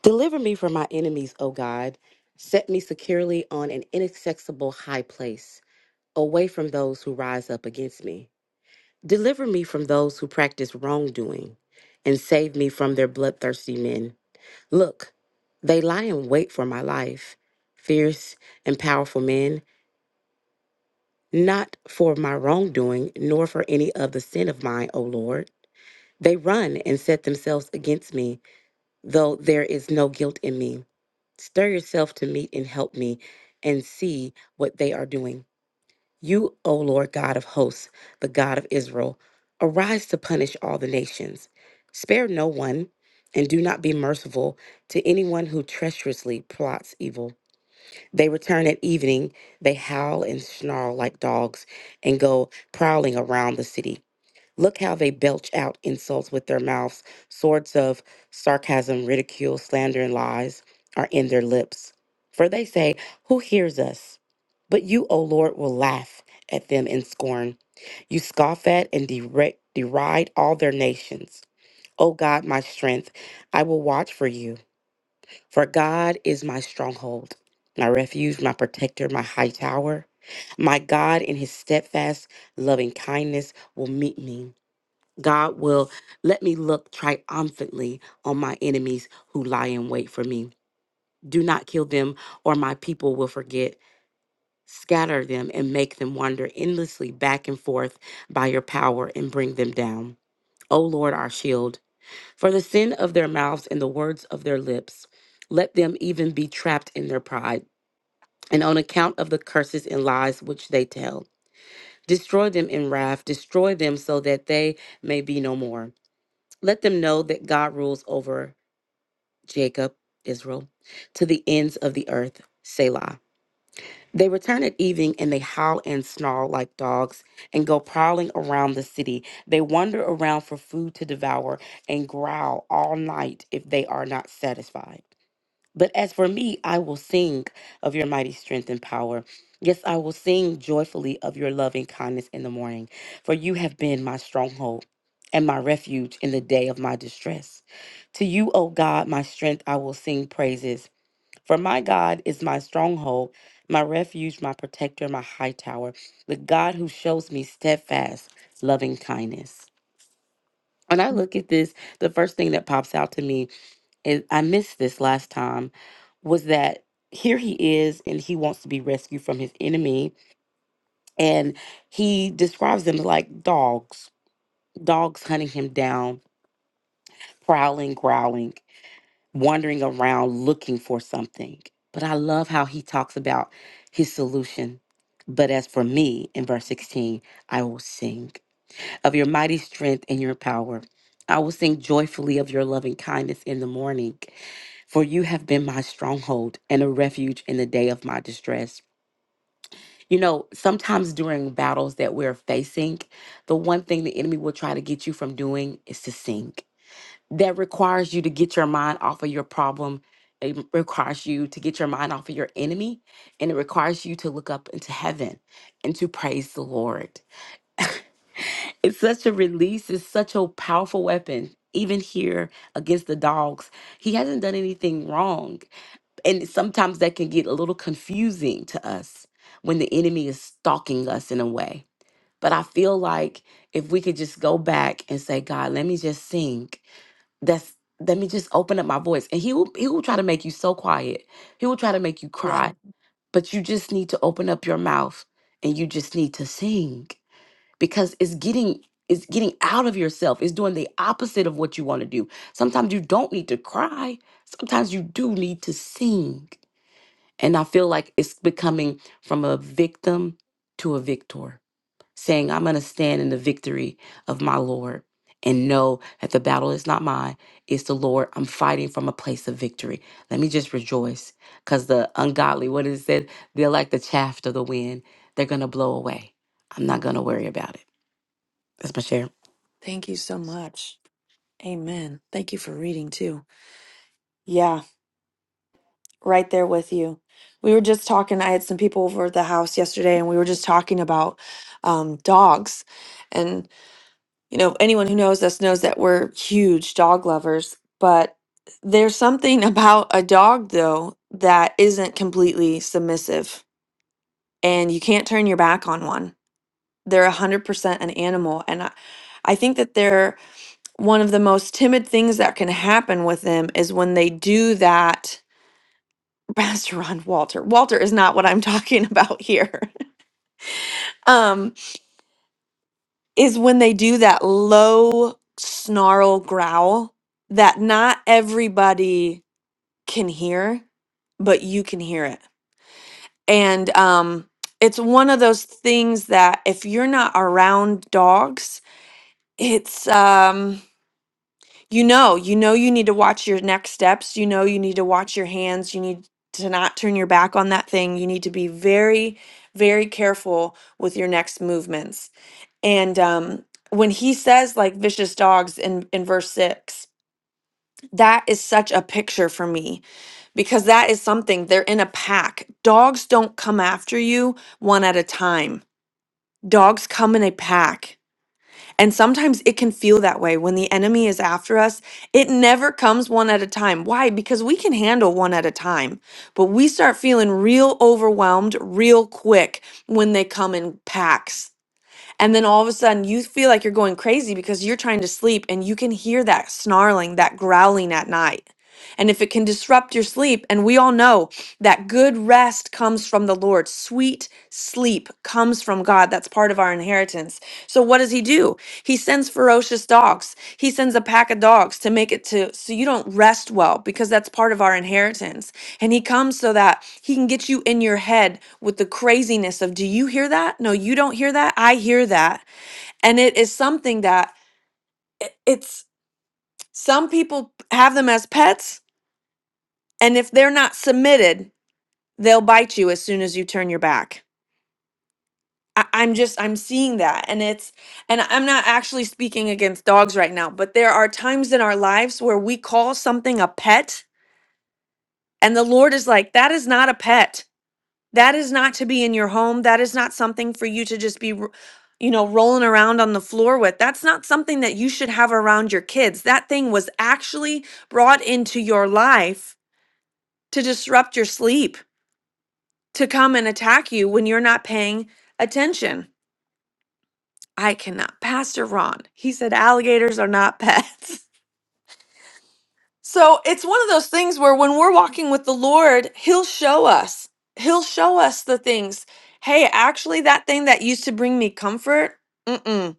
[SPEAKER 5] deliver me from my enemies, O God. Set me securely on an inaccessible high place, away from those who rise up against me. Deliver me from those who practice wrongdoing, and save me from their bloodthirsty men. Look, they lie in wait for my life. Fierce and powerful men. not for my wrongdoing, nor for any other sin of mine, O Lord. They run and set themselves against me, though there is no guilt in me. Stir yourself to meet and help me, and see what they are doing. You, O Lord God of hosts, the God of Israel, arise to punish all the nations. Spare no one, and do not be merciful to anyone who treacherously plots evil. They return at evening. They howl and snarl like dogs and go prowling around the city. Look how they belch out insults with their mouths. Swords of sarcasm, ridicule, slander, and lies are in their lips. For they say, Who hears us? But you, O Lord, will laugh at them in scorn. You scoff at and dere- deride all their nations. O God, my strength, I will watch for you. For God is my stronghold, my refuge, my protector, my high tower. My God, in his steadfast loving kindness, will meet me. God will let me look triumphantly on my enemies who lie in wait for me. Do not kill them, or my people will forget. Scatter them and make them wander endlessly back and forth by your power and bring them down. O Lord, our shield. For the sin of their mouths and the words of their lips, let them even be trapped in their pride, and on account of the curses and lies which they tell. Destroy them in wrath, destroy them so that they may be no more. Let them know that God rules over Jacob, Israel, to the ends of the earth, Selah. They return at evening and they howl and snarl like dogs and go prowling around the city. They wander around for food to devour and growl all night if they are not satisfied. But as for me, I will sing of your mighty strength and power. Yes, I will sing joyfully of your loving kindness in the morning, for you have been my stronghold and my refuge in the day of my distress. To you, O God, my strength, I will sing praises. For my God is my stronghold, my refuge, my protector, my high tower, the God who shows me steadfast loving kindness. When I look at this, the first thing that pops out to me and I missed this last time, was that here he is and he wants to be rescued from his enemy. And he describes them like dogs, dogs hunting him down, prowling, growling, wandering around looking for something. But I love how he talks about his solution. But as for me, in verse 16, I will sing. of your mighty strength and your power. I will sing joyfully of your loving kindness in the morning, for you have been my stronghold and a refuge in the day of my distress. You know, sometimes during battles that we're facing, the one thing the enemy will try to get you from doing is to sing. That requires you to get your mind off of your problem. It requires you to get your mind off of your enemy, and it requires you to look up into heaven and to praise the Lord. It's such a release. It's such a powerful weapon. Even here against the dogs, he hasn't done anything wrong. And sometimes that can get a little confusing to us when the enemy is stalking us in a way. But I feel like if we could just go back and say, God, let me just sing. That's let me just open up my voice. And he will he will try to make you so quiet. He will try to make you
[SPEAKER 1] Yeah.
[SPEAKER 5] cry. But you just need to open up your mouth and you just need to sing because it's getting it's getting out of yourself it's doing the opposite of what you want to do sometimes you don't need to cry sometimes you do need to sing and i feel like it's becoming from a victim to a victor saying i'm going to stand in the victory of my lord and know that the battle is not mine it's the lord i'm fighting from a place of victory let me just rejoice because the ungodly what is it they're like the chaff of the wind they're going to blow away i'm not
[SPEAKER 1] Mm.
[SPEAKER 5] going to worry about it that's my share.
[SPEAKER 1] Thank you so much. Amen. Thank you for reading too. Yeah, right there with you. We were just talking. I had some people over at the house yesterday, and we were just talking about um, dogs. And, you know, anyone who knows us knows that we're huge dog lovers, but there's something [LAUGHS] about a dog, though, that isn't completely submissive and you can't turn your back on one. They're 100% an animal. And I, I think that they're one of the most timid things that can happen with them is when they do that. [LAUGHS] Pastor Ron Walter. Walter is not what I'm [LAUGHS] talking about here. [LAUGHS] Um, is when they do that low snarl growl that not everybody can hear, but you can hear it. And um, it's one of those things that if you're not around dogs, It's um you know, you know you need to watch your next steps, you know you need to watch your hands, you need to not turn your back on that thing. You need to be very very careful with your next movements. And um when he says like vicious dogs in in verse 6, that is such a picture for me because that is something they're in a pack. Dogs don't come after you one at a time. Dogs come in a pack And sometimes it can feel that way when the enemy is after us. It never comes one at a time. Why? Because we can handle one at a time, but we start feeling real overwhelmed real quick when they come in packs and then all of a sudden you feel like you're going crazy because you're trying to sleep and you can hear that snarling, that growling at night. And if it can disrupt your sleep, and we all know that good rest comes from the Lord, sweet sleep comes from God. That's part of our inheritance. So what does he do? He sends ferocious dogs. He sends a pack of dogs to make it to so you don't rest well because that's part of our inheritance. And he comes so that he can get you in your head with the craziness of, do you hear that? No, you don't hear that. I hear that. And it is something that i- it's some people have them as pets. And if they're not submitted, they'll bite you as soon as you turn your back. I, I'm just, I'm seeing that. And it's, and I'm not actually speaking against dogs right now, but there are times in our lives where we call something a pet. And the Lord is like, that is not a pet That is not to be in your home. That is not something for you to just be, ro- you know, rolling around on the floor with. That's not something that you should have around your kids. That thing was actually brought into your life to disrupt your sleep, to come and attack you when you're not paying attention. I cannot. Pastor Ron, he said alligators are not pets. [LAUGHS] So it's one of those things where when we're walking with the Lord, He'll show us. He'll show us the things. Hey, actually, that thing that used to bring me comfort, mm-mm,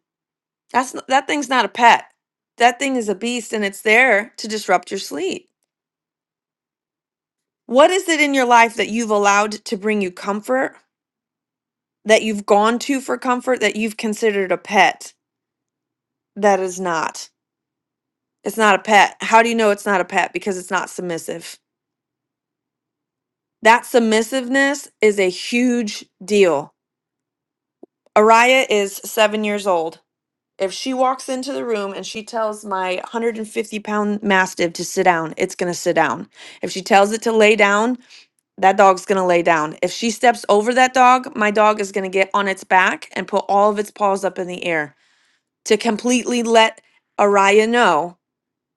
[SPEAKER 1] that's n- that thing's not a pet. That thing is a beast, and it's there to disrupt your sleep. What is it in your life that you've allowed to bring you comfort? That you've gone to for comfort? That you've considered a pet? That is not. It's not a pet. How do you know it's not a pet? Because it's not submissive. That submissiveness is a huge deal Araya is seven years old. If she walks into the room and she tells my 150 pound mastiff to sit down, it's going to sit down. If she tells it to lay down, that dog's going to lay down. If she steps over that dog, my dog is going to get on its back and put all of its paws up in the air to completely let Araya know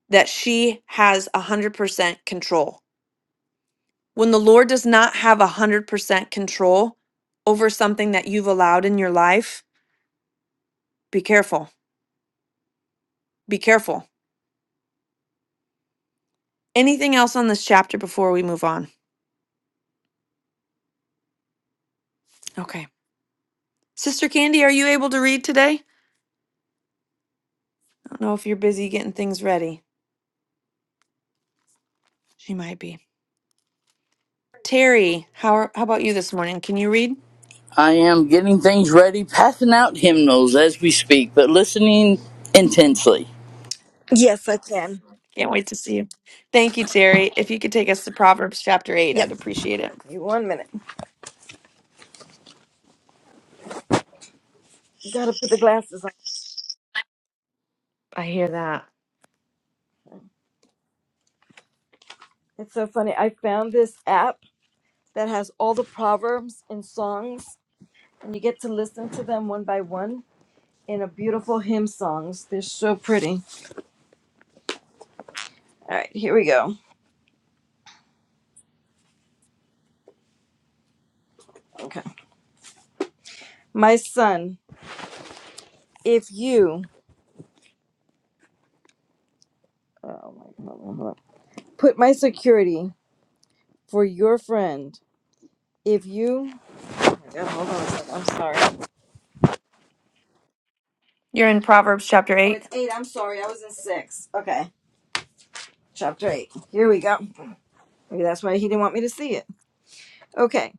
[SPEAKER 1] that she has 100% control. When the Lord does not have 100% control over something that you've allowed in your life, be careful. Be careful Anything else on this chapter before we move on? Okay. Sister Candy, are you able to read today? I don't know if you're busy getting things ready. She might be. Terry, how, are, how about you this morning? Can you read?
[SPEAKER 9] I am getting things ready, passing out hymnals as we speak, but listening intensely.
[SPEAKER 10] Yes, I can.
[SPEAKER 1] Can't wait to see you. Thank you, Terry. If you could take us to Proverbs chapter 8,
[SPEAKER 10] Yep.
[SPEAKER 1] I'd appreciate it.
[SPEAKER 10] You one minute. You gotta put the glasses on.
[SPEAKER 1] I hear that.
[SPEAKER 10] It's so funny. I found this app that has all the proverbs and songs, and you get to listen to them one by one in a beautiful hymn songs. They're so pretty. All right, here we go. Okay. My son, if you oh my, hold on, hold on. put my security for your friend, if you oh my God, hold on a second. I'm sorry.
[SPEAKER 1] You're in Proverbs chapter
[SPEAKER 10] Oh,
[SPEAKER 1] 8.
[SPEAKER 10] it's eight. I'm sorry. I was in six. Okay. Chapter eight. Here we go. Maybe that's why he didn't want me to see it. Okay.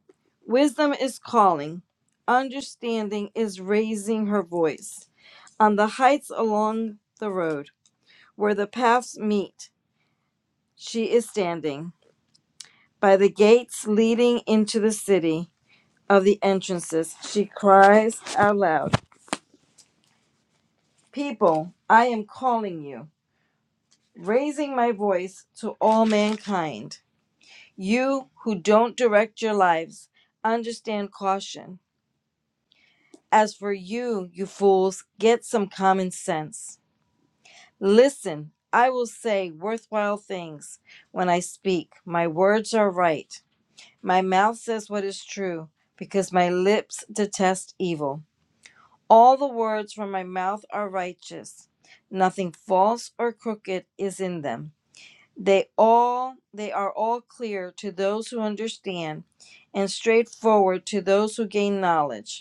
[SPEAKER 10] Wisdom is calling, understanding is raising her voice. On the heights along the road, where the paths meet, she is standing. By the gates leading into the city of the entrances, she cries out loud People, I am calling you, raising my voice to all mankind. You who don't direct your lives, understand caution. As for you, you fools, get some common sense. Listen, I will say worthwhile things when I speak. My words are right. My mouth says what is true, because my lips detest evil. All the words from my mouth are righteous. Nothing false or crooked is in them. They all they are all clear to those who understand and straightforward to those who gain knowledge.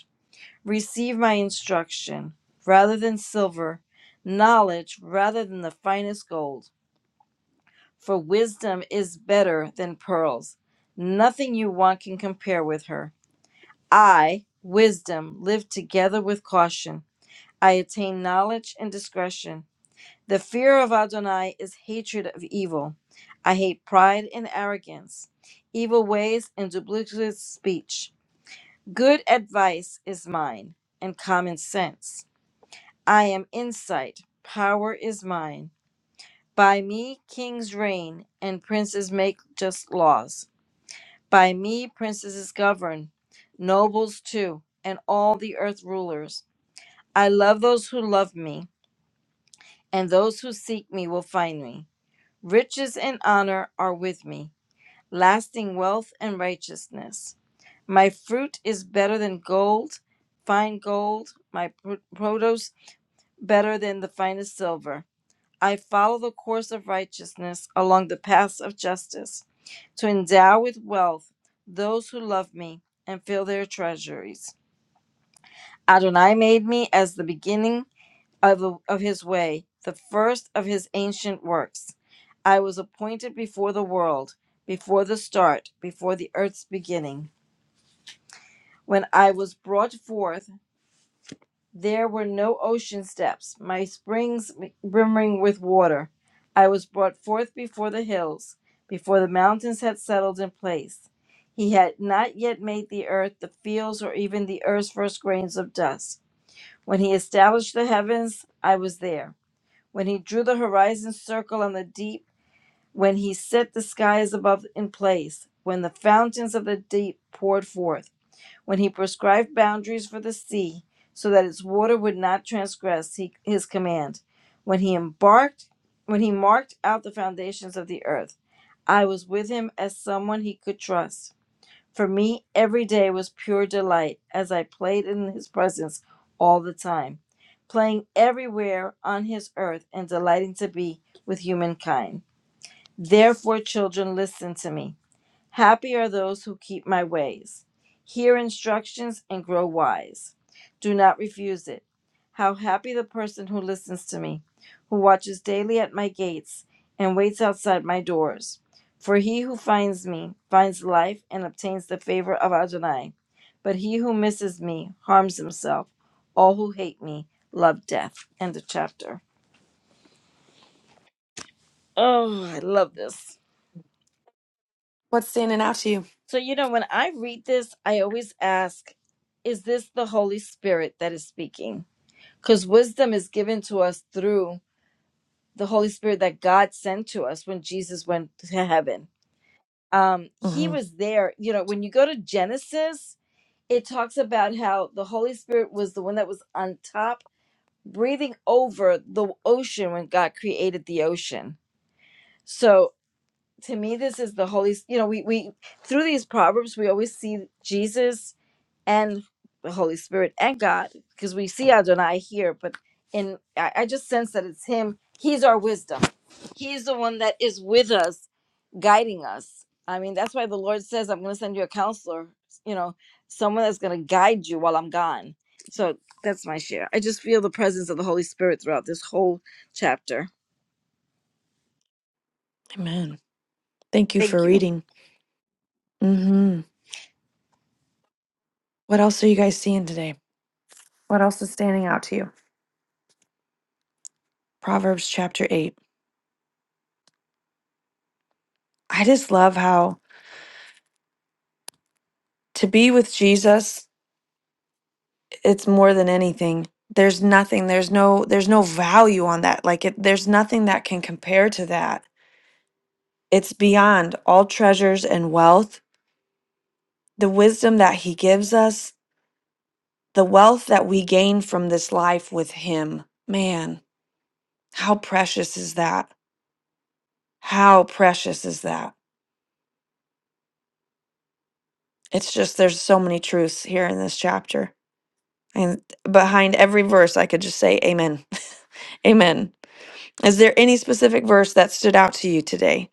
[SPEAKER 10] Receive my instruction rather than silver, knowledge rather than the finest gold. For wisdom is better than pearls. Nothing you want can compare with her. I, wisdom, live together with caution. I attain knowledge and discretion. The fear of Adonai is hatred of evil. I hate pride and arrogance, evil ways and duplicitous speech. Good advice is mine, and common sense. I am insight, power is mine. By me kings reign, and princes make just laws. By me princes govern, nobles too, and all the earth rulers. I love those who love me, and those who seek me will find me. Riches and honor are with me, lasting wealth and righteousness. My fruit is better than gold, fine gold, my pr- produce better than the finest silver. I follow the course of righteousness along the paths of justice to endow with wealth those who love me and fill their treasuries. Adonai made me as the beginning of, of his way, the first of his ancient works. I was appointed before the world, before the start, before the earth's beginning. When I was brought forth, There were no ocean steps, my springs brimming with water. I was brought forth before the hills, before the mountains had settled in place. He had not yet made the earth, the fields, or even the earth's first grains of dust. When he established the heavens, I was there. When he drew the horizon circle on the deep, when he set the skies above in place, when the fountains of the deep poured forth when he prescribed boundaries for the sea so that its water would not transgress he, his command when he embarked when he marked out the foundations of the earth i was with him as someone he could trust for me every day was pure delight as i played in his presence all the time playing everywhere on his earth and delighting to be with humankind therefore children listen to me Happy are those who keep my ways, hear instructions, and grow wise. Do not refuse it. How happy the person who listens to me, who watches daily at my gates, and waits outside my doors. For he who finds me finds life and obtains the favor of Adonai. But he who misses me harms himself. All who hate me love death. End of chapter. Oh, I love this.
[SPEAKER 1] What's standing out to you?
[SPEAKER 10] So, you know, when I read this, I always ask, is this the Holy Spirit that is speaking? Because wisdom is given to us through the Holy Spirit that God sent to us when Jesus went to heaven. Um, he
[SPEAKER 1] hmm
[SPEAKER 10] was there. You know, when you go to Genesis, it talks about how the Holy Spirit was the one that was on top, breathing over the ocean when God created the ocean. So to me, this is the Holy, you know, we, we through these proverbs, we always see Jesus and the Holy Spirit and God, because we see Adonai here, but in I, I just sense that it's Him. He's our wisdom. He's the one that is with us, guiding us. I mean, that's why the Lord says, "I'm going to send you a counselor." You know, someone that's going to guide you while I'm gone. So that's my share. I just feel the presence of the Holy Spirit throughout this whole chapter.
[SPEAKER 1] Amen. Thank you for
[SPEAKER 10] Thank you.
[SPEAKER 1] reading. hmm What else are you guys seeing today? What else is standing out to you? Proverbs chapter 8. I just love how to be with Jesus, it's more than anything. There's nothing, there's no there's no value on that. Like it there's nothing that can compare to that. It's beyond all treasures and wealth. The wisdom that he gives us, the wealth that we gain from this life with him. Man, how precious is that? How precious is that? It's just there's so many truths here in this chapter. And behind every verse, I could just say, Amen. [LAUGHS] Amen. Is there any specific verse that stood out to you today?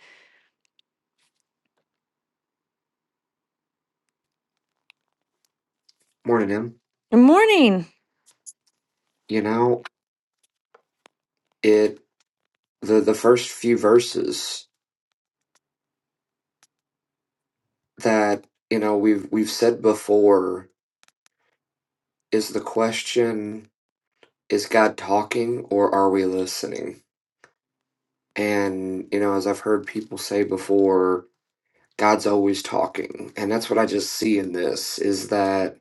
[SPEAKER 11] Morning, him.
[SPEAKER 1] Good morning.
[SPEAKER 11] You know, it the the first few verses that you know we've we've said before is the question: Is God talking or are we listening? And you know, as I've heard people say before, God's always talking, and that's what I just see in this is that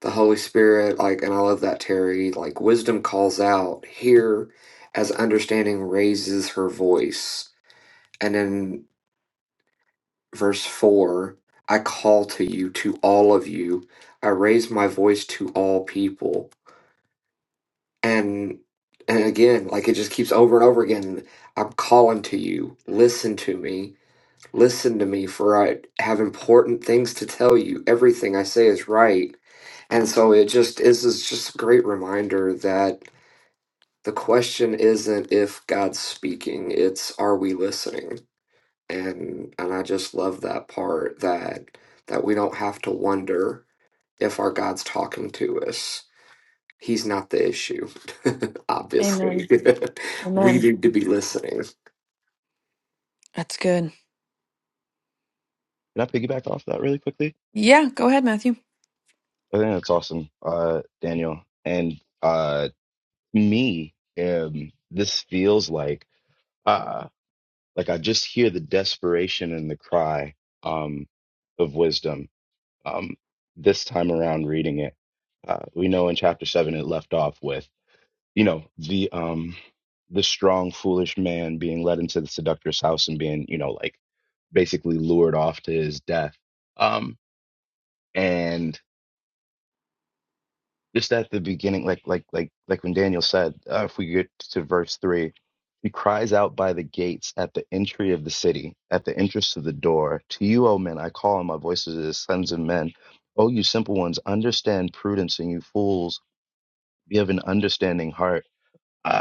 [SPEAKER 11] the Holy Spirit, like, and I love that Terry, like, wisdom calls out here as understanding raises her voice. And then verse 4 I call to you, to all of you. I raise my voice to all people. And and again, like it just keeps over and over again. I'm calling to you. Listen to me. Listen to me, for I have important things to tell you. Everything I say is right. And so it just is is just a great reminder that the question isn't if God's speaking, it's are we listening? and and I just love that part that that we don't have to wonder if our God's talking to us. He's not the issue, [LAUGHS] obviously.
[SPEAKER 1] Amen.
[SPEAKER 11] [LAUGHS] we
[SPEAKER 1] Amen.
[SPEAKER 11] need to be listening.
[SPEAKER 1] That's good.
[SPEAKER 6] Can I piggyback off that really quickly?
[SPEAKER 1] Yeah, go ahead, Matthew.
[SPEAKER 6] I think that's awesome, uh, Daniel. And uh. me, um, this feels like uh like I just hear the desperation and the cry um of wisdom um this time around reading it. Uh, we know in chapter seven it left off with, you know, the um the strong, foolish man being led into the seductress house and being, you know, like basically lured off to his death. Um and just at the beginning, like like like like when Daniel said, uh, if we get to verse three, he cries out by the gates at the entry of the city, at the entrance to the door. To you, O men, I call, and my voice is as sons of men. O you simple ones, understand prudence, and you fools, be of an understanding heart. Uh,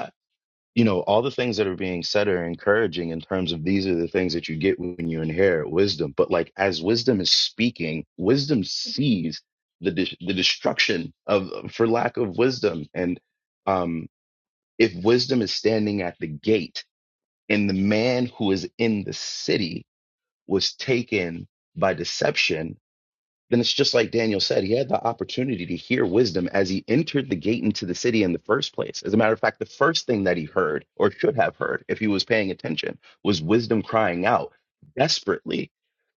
[SPEAKER 6] you know, all the things that are being said are encouraging in terms of these are the things that you get when you inherit wisdom. But like as wisdom is speaking, wisdom sees the de- the destruction of for lack of wisdom. And um, if wisdom is standing at the gate, and the man who is in the city was taken by deception, then it's just like Daniel said, he had the opportunity to hear wisdom as he entered the gate into the city in the first place. As a matter of fact, the first thing that he heard, or should have heard if he was paying attention, was wisdom crying out desperately.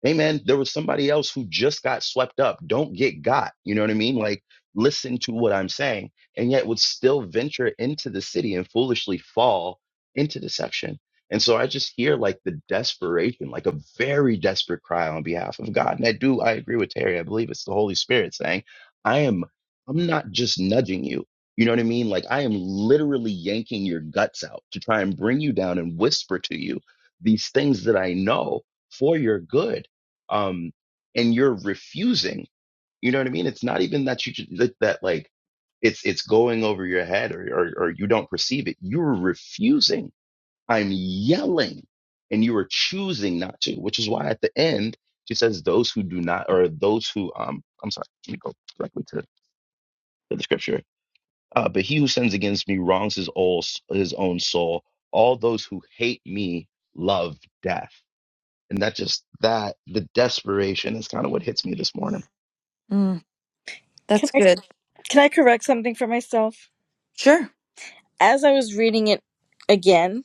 [SPEAKER 6] Amen. There was somebody else who just got swept up. Don't get got. You know what I mean? Like, listen to what I'm saying, and yet would still venture into the city and foolishly fall into deception. And so I just hear like the desperation, like a very desperate cry on behalf of God. And I do, I agree with Terry. I believe it's the Holy Spirit saying, I am, I'm not just nudging you. You know what I mean? Like I am literally yanking your guts out to try and bring you down and whisper to you these things that I know for your good. Um, and you're refusing. You know what I mean? It's not even that you ju- that, that like it's it's going over your head or, or or you don't perceive it. You're refusing I'm yelling and you are choosing not to, which is why at the end she says those who do not or those who um I'm sorry, let me go directly to, to the scripture. Uh, but he who sins against me wrongs his old his own soul. All those who hate me love death. And that just that the desperation is kind of what hits me this morning
[SPEAKER 1] Mm,
[SPEAKER 10] Can
[SPEAKER 1] that's
[SPEAKER 10] I
[SPEAKER 1] good.
[SPEAKER 10] can I correct something for myself?
[SPEAKER 1] Sure.
[SPEAKER 10] As I was reading it again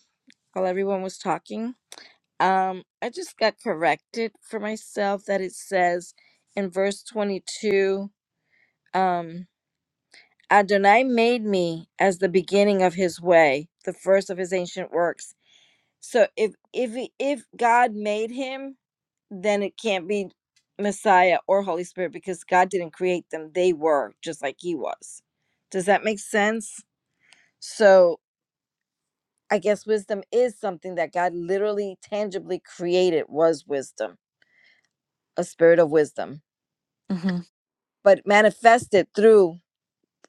[SPEAKER 10] while everyone was talking, Um, I just got corrected for myself that it says in verse 22, um, Adonai made me as the beginning of his way, the first of his ancient works. So if if he- if God made him, then it can't be Messiah or Holy Spirit because God didn't create them. They were just like he was. Does that make sense? So I guess wisdom is something that God literally tangibly created was wisdom, a spirit of wisdom
[SPEAKER 1] hmm
[SPEAKER 10] but manifested through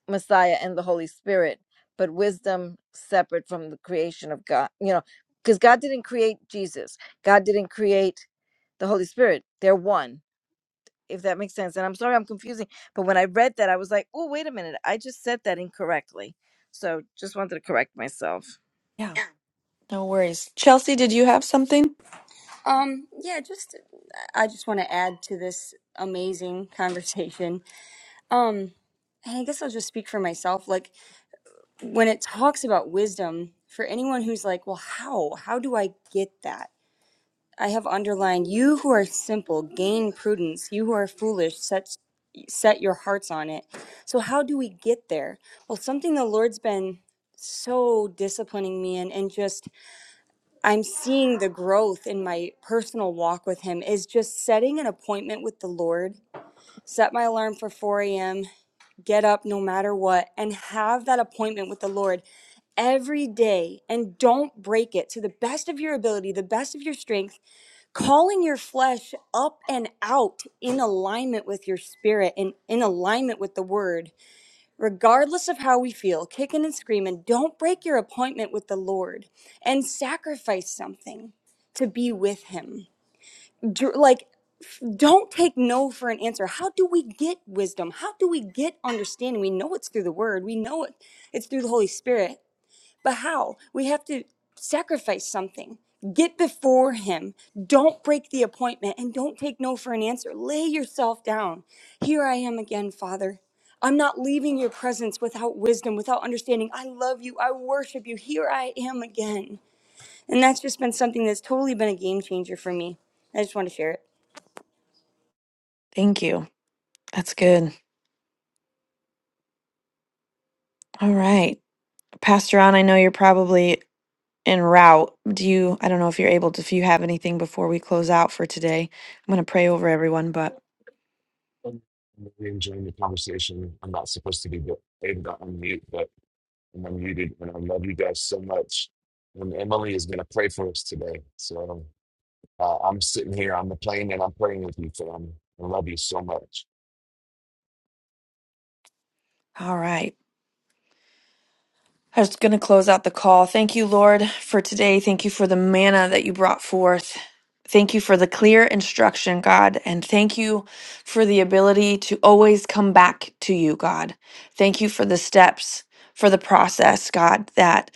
[SPEAKER 10] Messiah and the Holy Spirit, but wisdom separate from the creation of God. You know, because God didn't create Jesus, God didn't create the Holy Spirit. They're one, if that makes sense. And I'm sorry I'm confusing, but when I read that, I was like, oh, wait a minute, I just said that incorrectly. So just wanted to correct myself.
[SPEAKER 1] Yeah, no worries. Chelsea, did you have something?
[SPEAKER 12] Um, yeah, just I just want to add to this amazing [LAUGHS] conversation. Um, and I guess I'll just speak for myself. Like when it talks about wisdom, for anyone who's like, well, how? How do I get that? I have underlined you who are simple, gain prudence, you who are foolish, set set your hearts on it. So how do we get there? Well, something the Lord's been so disciplining me in and just I'm seeing the growth in my personal walk with Him is just setting an appointment with the Lord. Set my alarm for 4 a.m., get up no matter what, and have that appointment with the Lord every day. And don't break it to the best of your ability, the best of your strength, calling your flesh up and out in alignment with your spirit and in alignment with the Word regardless of how we feel, kicking and screaming, don't break your appointment with the Lord and sacrifice something to be with Him. Dr- Like, don't take no for an answer. How do we get wisdom? How do we get understanding? We know it's through the Word, we know it, it's through the Holy Spirit. But how? We have to sacrifice something. Get before him. Don't break the appointment and don't take no for an answer. Lay yourself down. Here I am again, Father. I'm not leaving your presence without wisdom, without understanding. I love you. I worship you. Here I am again. And that's just been something that's totally been a game changer for me. I just want to share it.
[SPEAKER 1] Thank you. That's good. All right. Pastor On, I know you're probably en route. Do you, I don't know if you're able to, if you have anything before we close out for today. I'm going to pray over everyone, but
[SPEAKER 13] I'm really enjoying the conversation. I'm not supposed to be able to unmute, but I'm unmuted, and I love you guys so much. And Emily is going to pray for us today. So uh, I'm sitting here on the plane, and I'm praying with you, fam. I love you so much.
[SPEAKER 1] all right. I was going to close out the call. Thank you, Lord, for today. Thank you for the manna that you brought forth. Thank you for the clear instruction, God. And thank you for the ability to always come back to you, God. Thank you for the steps, for the process, God, that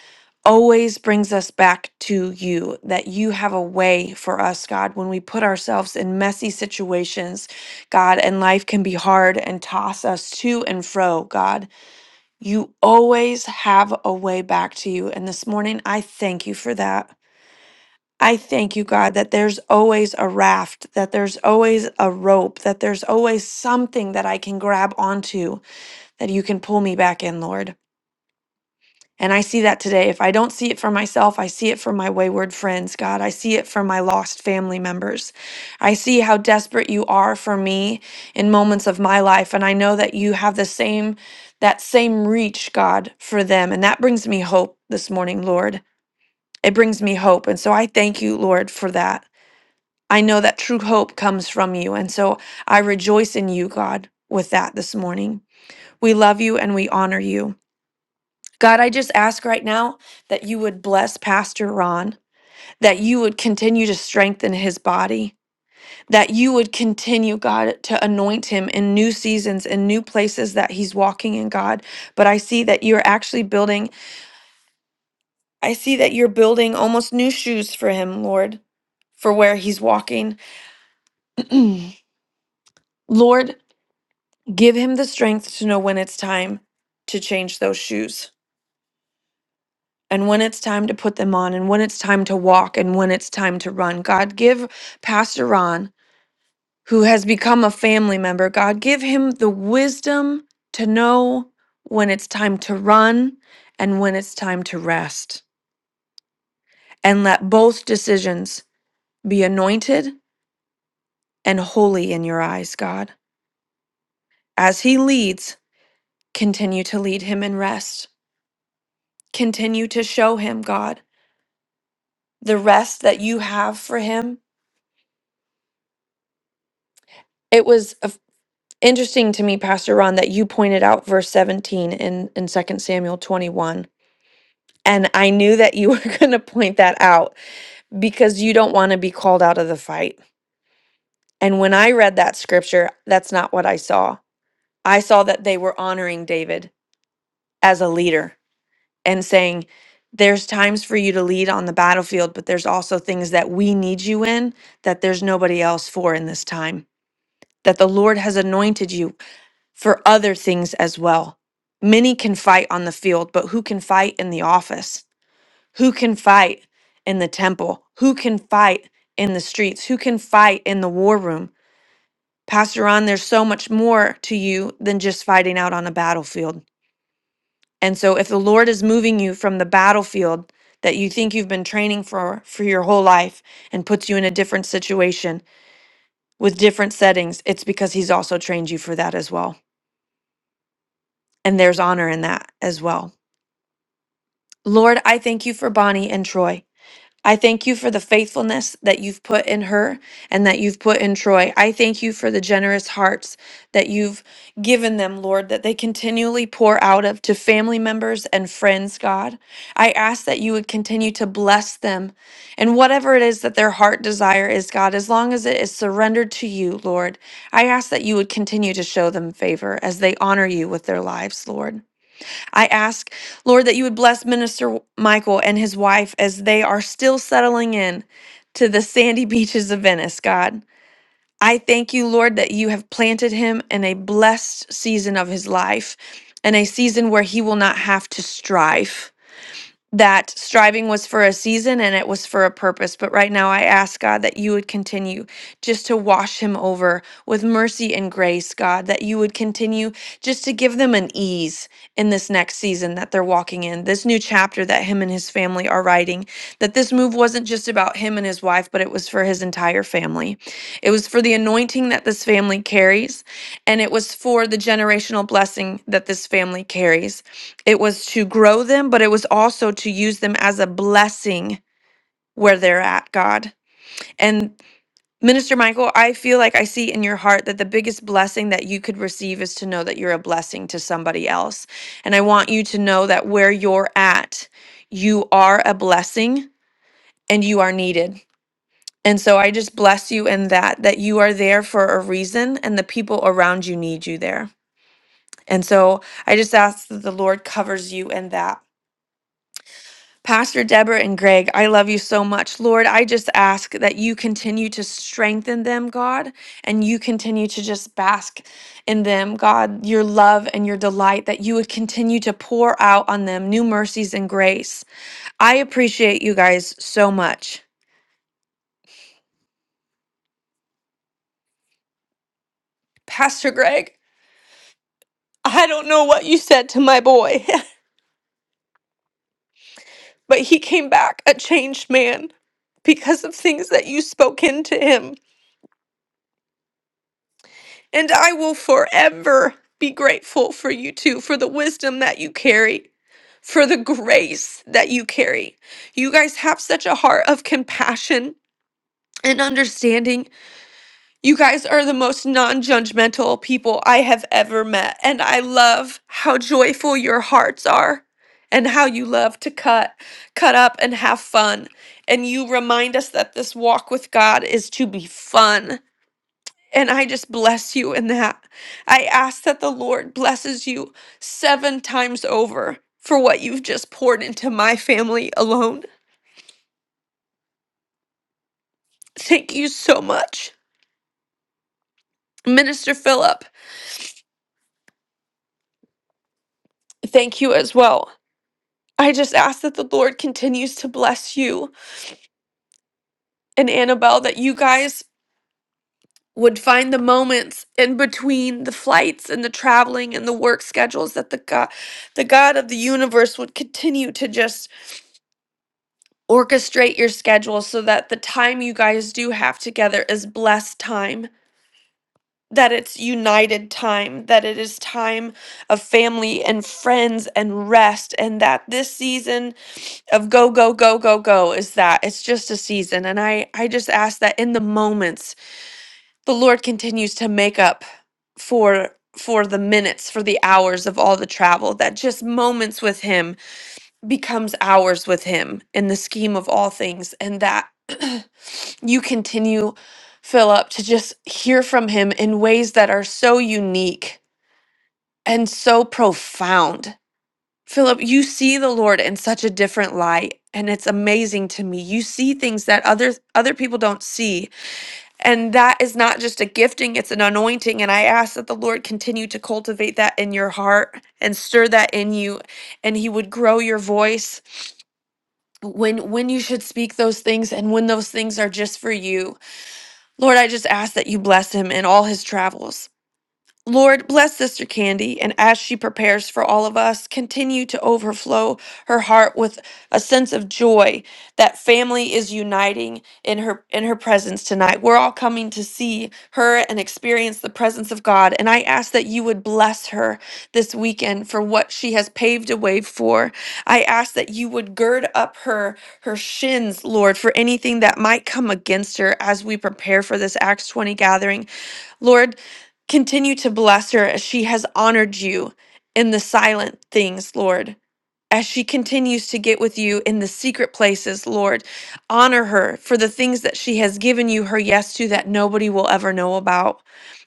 [SPEAKER 1] always brings us back to you, that you have a way for us, God, when we put ourselves in messy situations, God, and life can be hard and toss us to and fro, God. You always have a way back to you. And this morning, I thank you for that. I thank you, God, that there's always a raft, that there's always a rope, that there's always something that I can grab onto that you can pull me back in, Lord. And I see that today. If I don't see it for myself, I see it for my wayward friends, God. I see it for my lost family members. I see how desperate you are for me in moments of my life. And I know that you have the same, that same reach, God, for them. And that brings me hope this morning, Lord. It brings me hope. And so I thank you, Lord, for that. I know that true hope comes from you. And so I rejoice in you, God, with that this morning. We love you and we honor you. God, I just ask right now that you would bless Pastor Ron, that you would continue to strengthen his body, that you would continue, God, to anoint him in new seasons and new places that he's walking in, God. But I see that you're actually building, I see that you're building almost new shoes for him, Lord, for where he's walking. [CLEARS THROAT] Lord, give him the strength to know when it's time to change those shoes. and when it's time to put them on and when it's time to walk and when it's time to run. God, give Pastor Ron, who has become a family member, God, give him the wisdom to know when it's time to run and when it's time to rest. And let both decisions be anointed and holy in your eyes, God. As he leads, continue to lead him in rest. Continue to show him, God, the rest that you have for him. It was a interesting to me, Pastor Ron, that you pointed out verse 17 in, in Second Samuel 21. And I knew that you [LAUGHS] were going to point that out because you don't want to be called out of the fight. And when I read that scripture, that's not what I saw. I saw that they were honoring David as a leader and saying, there's times for you to lead on the battlefield, but there's also things that we need you in that there's nobody else for in this time, that the Lord has anointed you for other things as well. Many can fight on the field, but who can fight in the office? Who can fight in the temple? Who can fight in the streets? Who can fight in the war room? Pastor Ron, there's so much more to you than just fighting out on a battlefield. And so if the Lord is moving you from the battlefield that you think you've been training for for your whole life and puts you in a different situation with different settings, it's because he's also trained you for that as well. And there's honor in that as well. Lord, I thank you for Bonnie and Troy. I thank you for the faithfulness that you've put in her and that you've put in Troy. I thank you for the generous hearts that you've given them, Lord, that they continually pour out of to family members and friends, God. I ask that you would continue to bless them and whatever it is that their heart desire is, God, as long as it is surrendered to you, Lord. I ask that you would continue to show them favor as they honor you with their lives, Lord. I ask, Lord, that you would bless Minister Michael and his wife as they are still settling in to the sandy [LAUGHS] beaches of Venice, God. I thank you, Lord, that you have planted him in a blessed season of his life and a season where he will not have to strive that striving was for a season and it was for a purpose. But right now, I ask God that you would continue just to wash him over with mercy and grace, God, that you would continue just to give them an ease in this next season that they're walking in, this new chapter that him and his family are writing. That this move wasn't just about him and his wife, but it was for his entire family. It was for the anointing that this family carries, and it was for the generational blessing that this family carries. It was to grow them, but it was also to use them as a blessing where they're at, God. And Minister Michael, I feel like I see in your heart that the biggest blessing that you could receive is to know that you're a blessing to somebody else. And I want you to know that where you're at, you are a blessing and you are needed. And so I just bless you in that, that you are there for a reason and the people around you need you there. And so I just ask that the Lord covers you in that. Pastor Deborah and Greg, I love you so much. Lord, I just ask that you continue to strengthen them, God, and you continue to just bask in them, God, your love and your delight, that you would continue to pour out on them new mercies and grace. I appreciate you guys so much. Pastor Greg, I don't know what you said to my boy, [LAUGHS] but he came back a changed man because of things that you spoke into him. And I will forever be grateful for you two, for the wisdom that you carry, for the grace that you carry. You guys have such a heart of compassion and understanding. You guys are the most non judgmental people I have ever met. And I love how joyful your hearts are. And how you love to cut, cut up and have fun. And you remind us that this walk with God is to be fun and I just bless you in that. I ask that the Lord blesses you seven times over for what you've just poured into my family alone. Thank you so much. Minister Philip, thank you as well. I just ask that the Lord continues to bless you and Annabelle, that you guys would find the moments in between the flights and the traveling and the work schedules that the God, the God of the universe would continue to just orchestrate your schedule so that the time you guys do have together is blessed time, that it's united time, that it is time of family and friends and rest, and that this season of go, go, go, go, go is that. It's just a season. And I, I just ask that in the moments, the Lord continues to make up for for the minutes for the hours of all the travel that just moments with him becomes ours with him in the scheme of all things and that [CLEARS THROAT] you continue Philip to just hear from him in ways that are so unique and so profound. Philip, you see the Lord in such a different light and it's amazing to me. You see things that other other people don't see and that is not just a gifting, it's an anointing and I ask that the Lord continue to cultivate that in your heart and stir that in you and he would grow your voice when when you should speak those things and when those things are just for you. Lord, I just ask that you bless him in all his travels. Lord, bless Sister Candy, and as she prepares for all of us, continue to overflow her heart with a sense of joy that family is uniting in her in her presence tonight. We're all coming to see her and experience the presence of God, and I ask that you would bless her this weekend for what she has paved a way for. I ask that you would gird up her her shins, Lord, for anything that might come against her as we prepare for this Acts 20 gathering Lord, continue to bless her as she has honored you in the silent things, Lord as she continues to get with you in the secret places, Lord. Honor her for the things that she has given you her yes to that nobody will ever know about.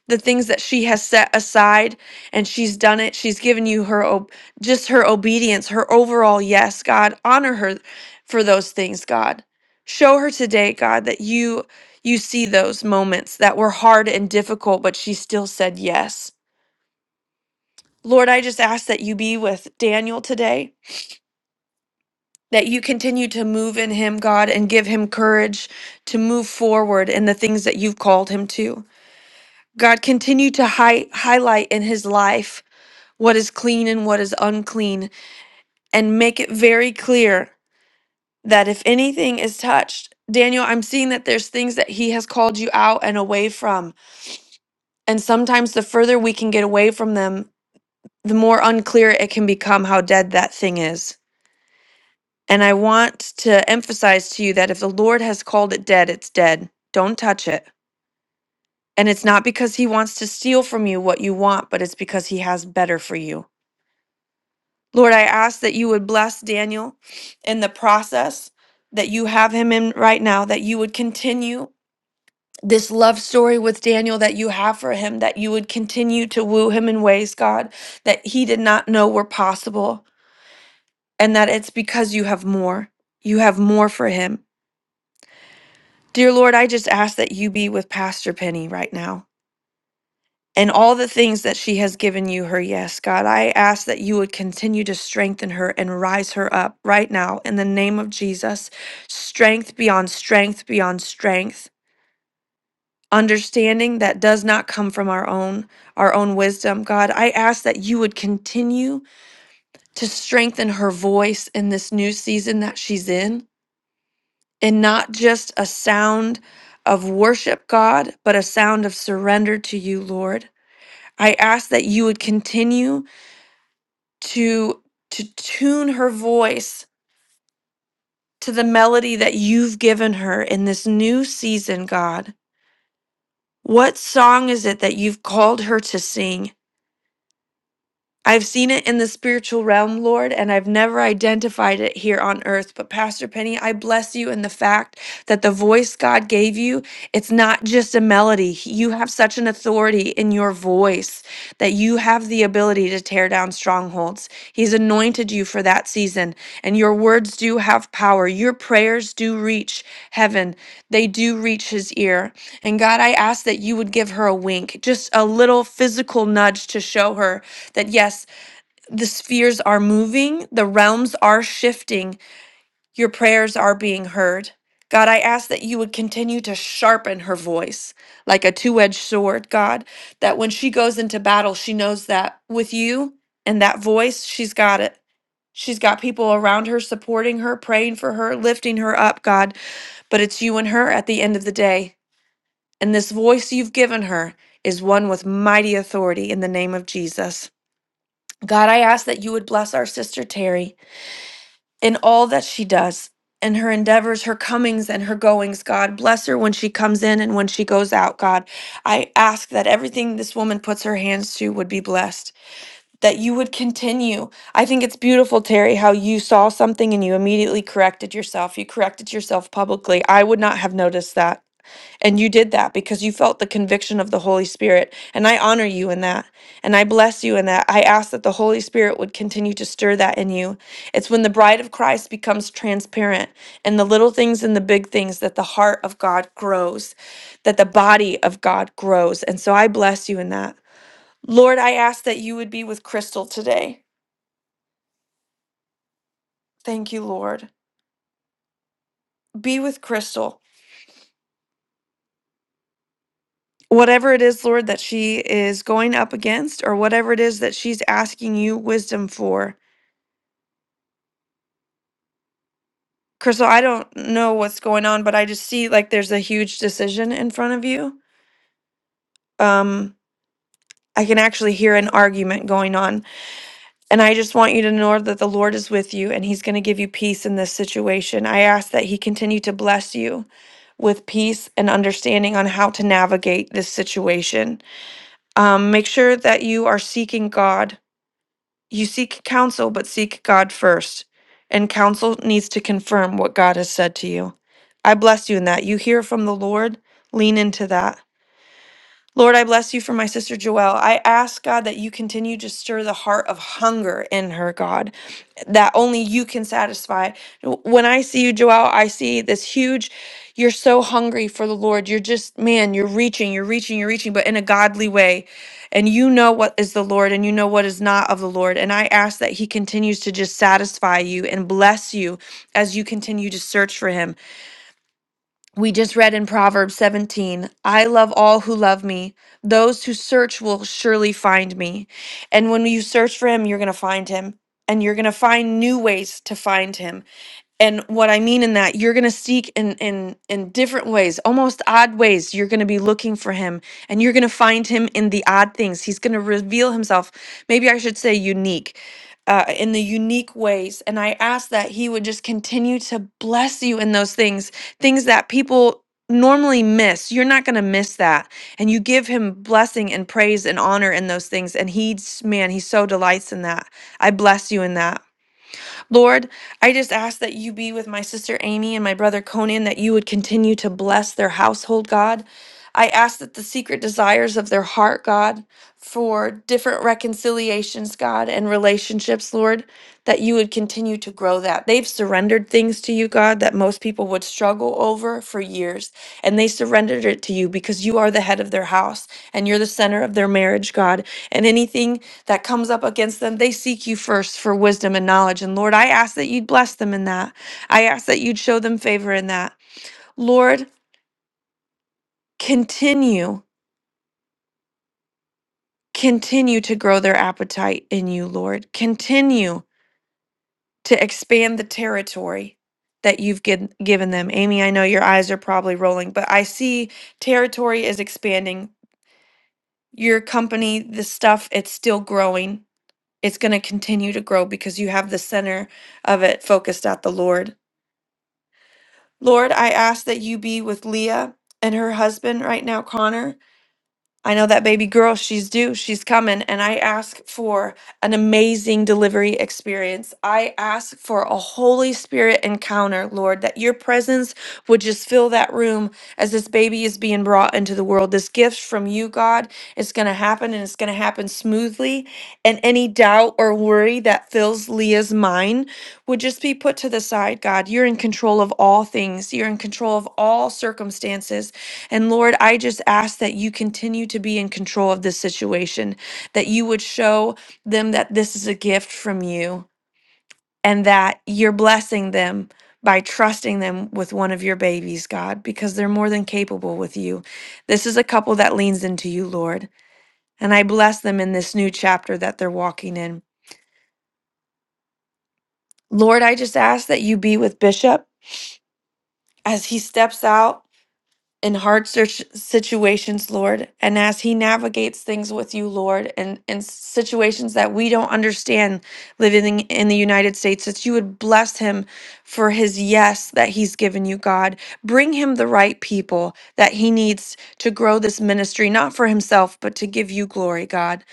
[SPEAKER 1] The things that she has set aside and she's done it. She's given you her ob- just her obedience, her overall yes, God. Honor her for those things, God. Show her today, God, that you you see those moments that were hard and difficult, but she still said yes. Lord, I just ask that you be with Daniel today. that you continue to move in him, God, and give him courage to move forward in the things that you've called him to. God, continue to hi- highlight in his life what is clean and what is unclean, and make it very clear that if anything is touched, Daniel, I'm seeing that there's things that he has called you out and away from. And sometimes the further we can get away from them, the more unclear it can become how dead that thing is. And I want to emphasize to you that if the Lord has called it dead, it's dead. Don't touch it. And it's not because he wants to steal from you what you want, but it's because he has better for you. Lord, I ask that you would bless Daniel in the process that you have him in right now, that you would continue this love story with Daniel that you have for him, that you would continue to woo him in ways, God, that he did not know were possible, and that it's because you have more. You have more for him. Dear Lord, I just ask that you be with Pastor Penny right now and all the things that she has given you her yes, God. I ask that you would continue to strengthen her and rise her up right now in the name of Jesus. Strength beyond strength beyond strength. Understanding that does not come from our own our own wisdom, God. I ask that you would continue to strengthen her voice in this new season that she's in. and not just a sound of worship, God, but a sound of surrender to you, Lord. I ask that you would continue to to tune her voice to the melody that you've given her in this new season, God. What song is it that you've called her to sing? I've seen it in the spiritual realm, Lord, and I've never identified it here on earth. But Pastor Penny, I bless you in the fact that the voice God gave you, it's not just a melody. You have such an authority in your voice that you have the ability to tear down strongholds. He's anointed you for that season, and your words do have power. Your prayers do reach heaven. They do reach his ear. And God, I ask that you would give her a wink, just a little physical nudge to show her that yes, the spheres are moving, the realms are shifting, your prayers are being heard. God, I ask that you would continue to sharpen her voice like a two edged sword, God, that when she goes into battle, she knows that with you and that voice, she's got it. She's got people around her supporting her, praying for her, lifting her up, God, but it's you and her at the end of the day. And this voice you've given her is one with mighty authority in the name of Jesus. God, I ask that you would bless our sister Terry in all that she does in her endeavors, her comings and her goings, God. Bless her when she comes in and when she goes out, God. I ask that everything this woman puts her hands to would be blessed, that you would continue. I think it's beautiful, Terry, how you saw something and you immediately corrected yourself. You corrected yourself publicly. I would not have noticed that. And you did that because you felt the conviction of the Holy Spirit. And I honor you in that. And I bless you in that. I ask that the Holy Spirit would continue to stir that in you. It's when the bride of Christ becomes transparent and the little things and the big things that the heart of God grows, that the body of God grows. And so I bless you in that. Lord, I ask that you would be with Crystal today. Thank you, Lord. Be with Crystal. whatever it is, Lord, that she is going up against or whatever it is that she's asking you wisdom for. Crystal, I don't know what's going on, but I just see like there's a huge decision in front of you. Um, I can actually hear an argument going on. And I just want you to know that the Lord is with you and He's going to give you peace in this situation. I ask that He continue to bless you with peace and understanding on how to navigate this situation. Um, make sure that you are seeking God You seek counsel, but seek God first, and counsel needs to confirm what God has said to you. I bless you in that. You hear from the Lord, lean into that. Lord, I bless you for my sister Joelle. I ask, God, that you continue to stir the heart of hunger in her, God, that only you can satisfy. When I see you, Joelle, I see this huge, you're so hungry for the Lord. You're just, man, you're reaching, you're reaching, you're reaching, but in a godly way. And you know what is the Lord and you know what is not of the Lord. And I ask that He continues to just satisfy you and bless you as you continue to search for Him. We just read in Proverbs 17, I love all who love me. Those who search will surely find me. And when you search for him, you're going to find him. And you're going to find new ways to find him and what i mean in that you're going to seek in in in different ways almost odd ways you're going to be looking for him and you're going to find him in the odd things he's going to reveal himself maybe i should say unique uh, in the unique ways and i ask that he would just continue to bless you in those things things that people normally miss you're not going to miss that and you give him blessing and praise and honor in those things and he's man he so delights in that i bless you in that Lord, I just ask that you be with my sister Amy and my brother Conan, that you would continue to bless their household, God. I ask that the secret desires of their heart, God, for different reconciliations, God, and relationships, Lord, that you would continue to grow that. They've surrendered things to you, God, that most people would struggle over for years, and they surrendered it to you because you are the head of their house and you're the center of their marriage, God. And anything that comes up against them, they seek you first for wisdom and knowledge. And Lord, I ask that you'd bless them in that. I ask that you'd show them favor in that. Lord, continue, continue to grow their appetite in you, Lord. Continue to expand the territory that you've giv- given them. Amy, I know your eyes are probably rolling, but I see territory is expanding. Your company, the stuff, it's still growing. It's going to continue to grow because you have the center of it focused at the Lord. Lord, I ask that you be with Leah and her husband right now, Connor. I know that baby girl, she's due, she's coming, and I ask for an amazing delivery experience. I ask for a Holy Spirit encounter, Lord, that your presence would just fill that room as this baby is being brought into the world. This gift from you, God, is going to happen and it's going to happen smoothly. And any doubt or worry that fills Leah's mind would just be put to the side, God. You're in control of all things, you're in control of all circumstances. And Lord, I just ask that you continue to be in control of this situation, that you would show them that this is a gift from you and that you're blessing them by trusting them with one of your babies, God, because they're more than capable with you. This is a couple that leans into you, Lord. And I bless them in this new chapter that they're walking in. Lord, I just ask that you be with Bishop as he steps out in hard search situations, Lord, and as He navigates things with you, Lord, and in situations that we don't understand living in the United States, that you would bless Him for His yes that He's given you, God. Bring Him the right people that He needs to grow this ministry, not for Himself, but to give you glory, God.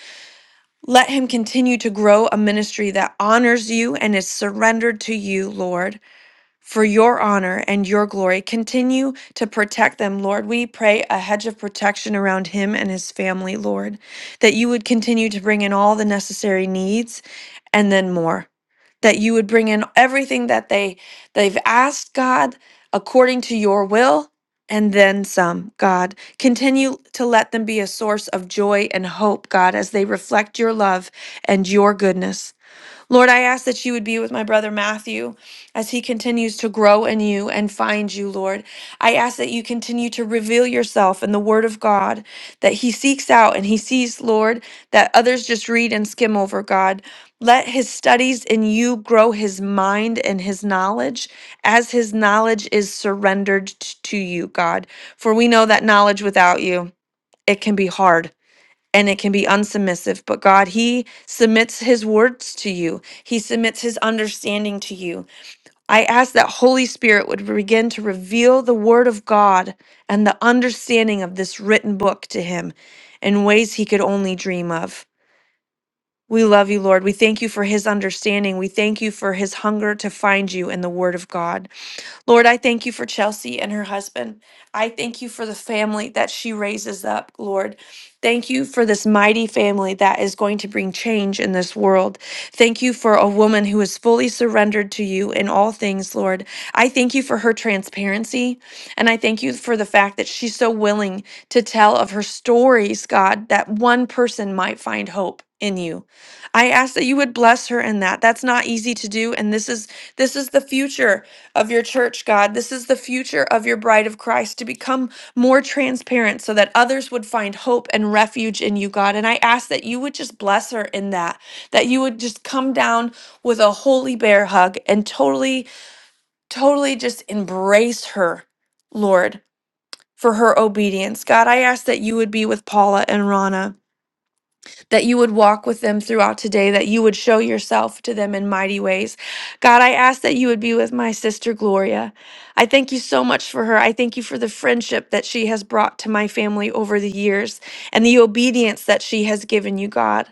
[SPEAKER 1] Let Him continue to grow a ministry that honors you and is surrendered to you, Lord for your honor and your glory. Continue to protect them, Lord. We pray a hedge of protection around him and his family, Lord, that you would continue to bring in all the necessary needs and then more. That you would bring in everything that they they've asked God according to your will and then some, God. Continue to let them be a source of joy and hope, God, as they reflect your love and your goodness. Lord, I ask that you would be with my brother Matthew as he continues to grow in you and find you, Lord. I ask that you continue to reveal yourself in the Word of God that he seeks out and he sees, Lord, that others just read and skim over, God. Let his studies in you grow his mind and his knowledge as his knowledge is surrendered t- to you, God. For we know that knowledge without you, it can be hard and it can be unsubmissive. But God, He submits His words to you, He submits His understanding to you. I ask that Holy Spirit would begin to reveal the Word of God and the understanding of this written book to Him in ways He could only dream of. We love you, Lord. We thank you for His understanding. We thank you for His hunger to find you in the Word of God. Lord, I thank you for Chelsea and her husband. I thank you for the family that she raises up, Lord. Thank you for this mighty family that is going to bring change in this world. Thank you for a woman who is fully surrendered to you in all things, Lord. I thank you for her transparency. And I thank you for the fact that she's so willing to tell of her stories, God, that one person might find hope in you. I ask that you would bless her in that. That's not easy to do and this is this is the future of your church, God. This is the future of your bride of Christ to become more transparent so that others would find hope and refuge in you, God. And I ask that you would just bless her in that, that you would just come down with a holy bear hug and totally, totally just embrace her, Lord, for her obedience. God, I ask that you would be with Paula and Rana that you would walk with them throughout today, that you would show yourself to them in mighty ways. God, I ask that you would be with my sister Gloria. I thank you so much for her. I thank you for the friendship that she has brought to my family over the years and the obedience that she has given you, God.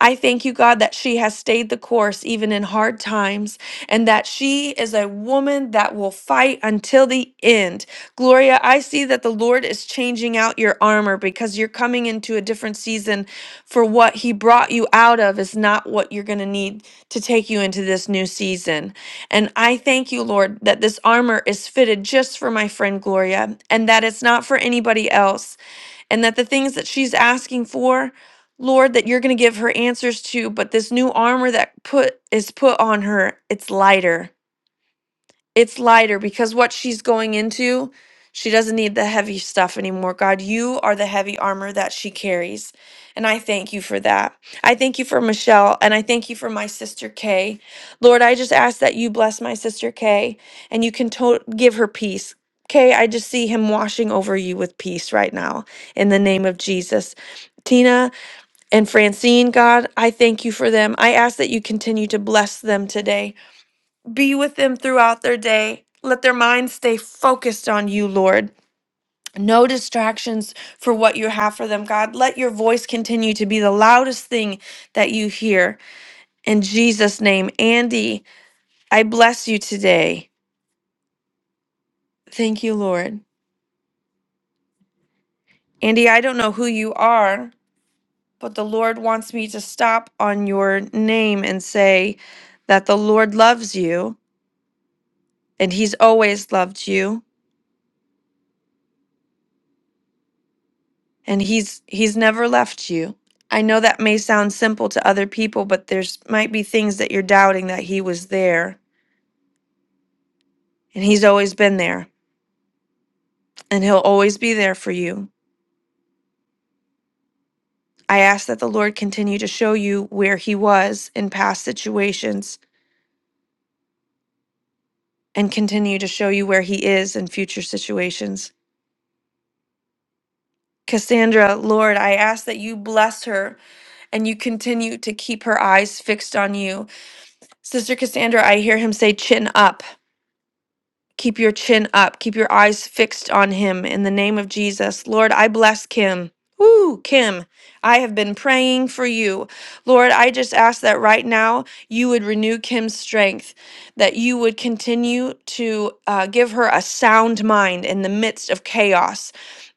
[SPEAKER 1] I thank you, God, that she has stayed the course even in hard times and that she is a woman that will fight until the end Gloria, I see that the Lord is changing out your armor because you're coming into a different season for what He brought you out of is not what you're going to need to take you into this new season. And I thank you, Lord, that this armor is fitted just for my friend Gloria and that it's not for anybody else. And that the things that she's asking for, Lord, that you're going to give her answers to, but this new armor that put is put on her, it's lighter it's lighter because what she's going into, she doesn't need the heavy stuff anymore. God, you are the heavy armor that she carries. And I thank you for that. I thank you for Michelle and I thank you for my sister Kay. Lord, I just ask that you bless my sister Kay and you can to- give her peace. Kay, I just see him washing over you with peace right now in the name of Jesus. Tina and Francine, God, I thank you for them. I ask that you continue to bless them today. Be with them throughout their day. Let their minds stay focused on you, Lord. No distractions for what you have for them, God. Let your voice continue to be the loudest thing that you hear. In Jesus' name, Andy, I bless you today. Thank you, Lord. Andy, I don't know who you are, but the Lord wants me to stop on your name and say that the Lord loves you and he's always loved you and he's he's never left you. I know that may sound simple to other people, but there's might be things that you're doubting that he was there, and he's always been there, and he'll always be there for you. I ask that the Lord continue to show you where he was in past situations and continue to show you where he is in future situations. Cassandra, Lord, I ask that you bless her and you continue to keep her eyes fixed on you. Sister Cassandra, I hear him say, chin up. Keep your chin up. Keep your eyes fixed on him in the name of Jesus. Lord, I bless Kim. Woo, Kim, I have been praying for you. Lord, I just ask that right now you would renew Kim's strength, that you would continue to uh, give her a sound mind in the midst of chaos.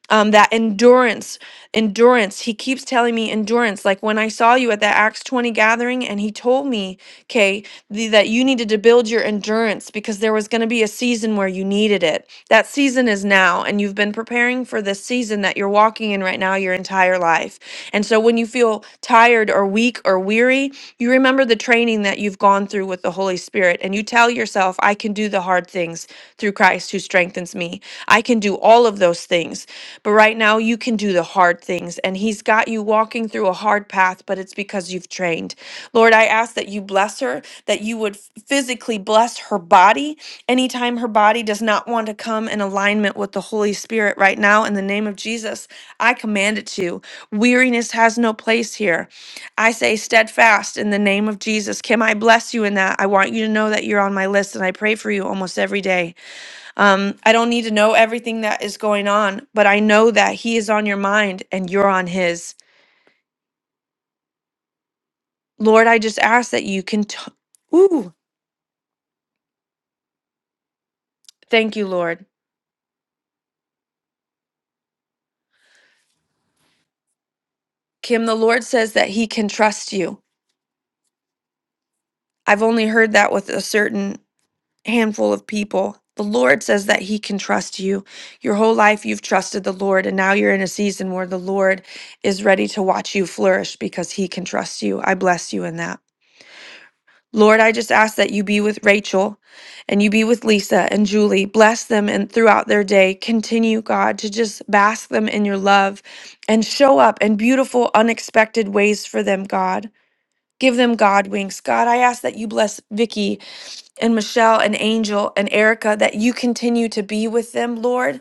[SPEAKER 1] Um, that endurance, endurance. He keeps telling me endurance. Like when I saw you at that Acts 20 gathering, and he told me, okay the, that you needed to build your endurance because there was going to be a season where you needed it. That season is now, and you've been preparing for this season that you're walking in right now your entire life. And so when you feel tired or weak or weary, you remember the training that you've gone through with the Holy Spirit, and you tell yourself, I can do the hard things through Christ who strengthens me. I can do all of those things. But right now, you can do the hard things, and He's got you walking through a hard path, but it's because you've trained. Lord, I ask that you bless her, that you would physically bless her body anytime her body does not want to come in alignment with the Holy Spirit right now. In the name of Jesus, I command it to. Weariness has no place here. I say steadfast in the name of Jesus. Kim, I bless you in that. I want you to know that you're on my list and I pray for you almost every day. Um, I don't need to know everything that is going on, but I know that He is on your mind and you're on His. Lord, I just ask that you can. Thank you, Lord. Kim, the Lord says that He can trust you. I've only heard that with a certain handful of people. The Lord says that He can trust you. Your whole life you've trusted the Lord, and now you're in a season where the Lord is ready to watch you flourish because He can trust you. I bless you in that. Lord, I just ask that you be with Rachel and you be with Lisa and Julie. Bless them and throughout their day, continue, God, to just bask them in your love and show up in beautiful, unexpected ways for them, God. Give them God wings. God, I ask that you bless Vicky and Michelle and Angel and Erica, that you continue to be with them, Lord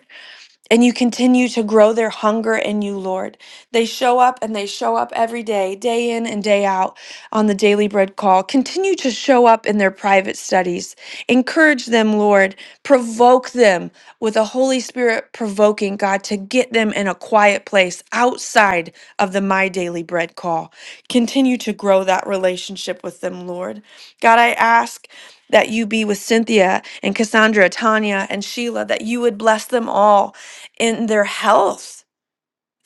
[SPEAKER 1] and you continue to grow their hunger in you, Lord. They show up and they show up every day, day in and day out on the Daily Bread call. Continue to show up in their private studies. Encourage them, Lord. Provoke them with the Holy Spirit provoking, God, to get them in a quiet place outside of the My Daily Bread call. Continue to grow that relationship with them, Lord. God, I ask that you be with Cynthia and Cassandra, Tanya, and Sheila, that you would bless them all in their health.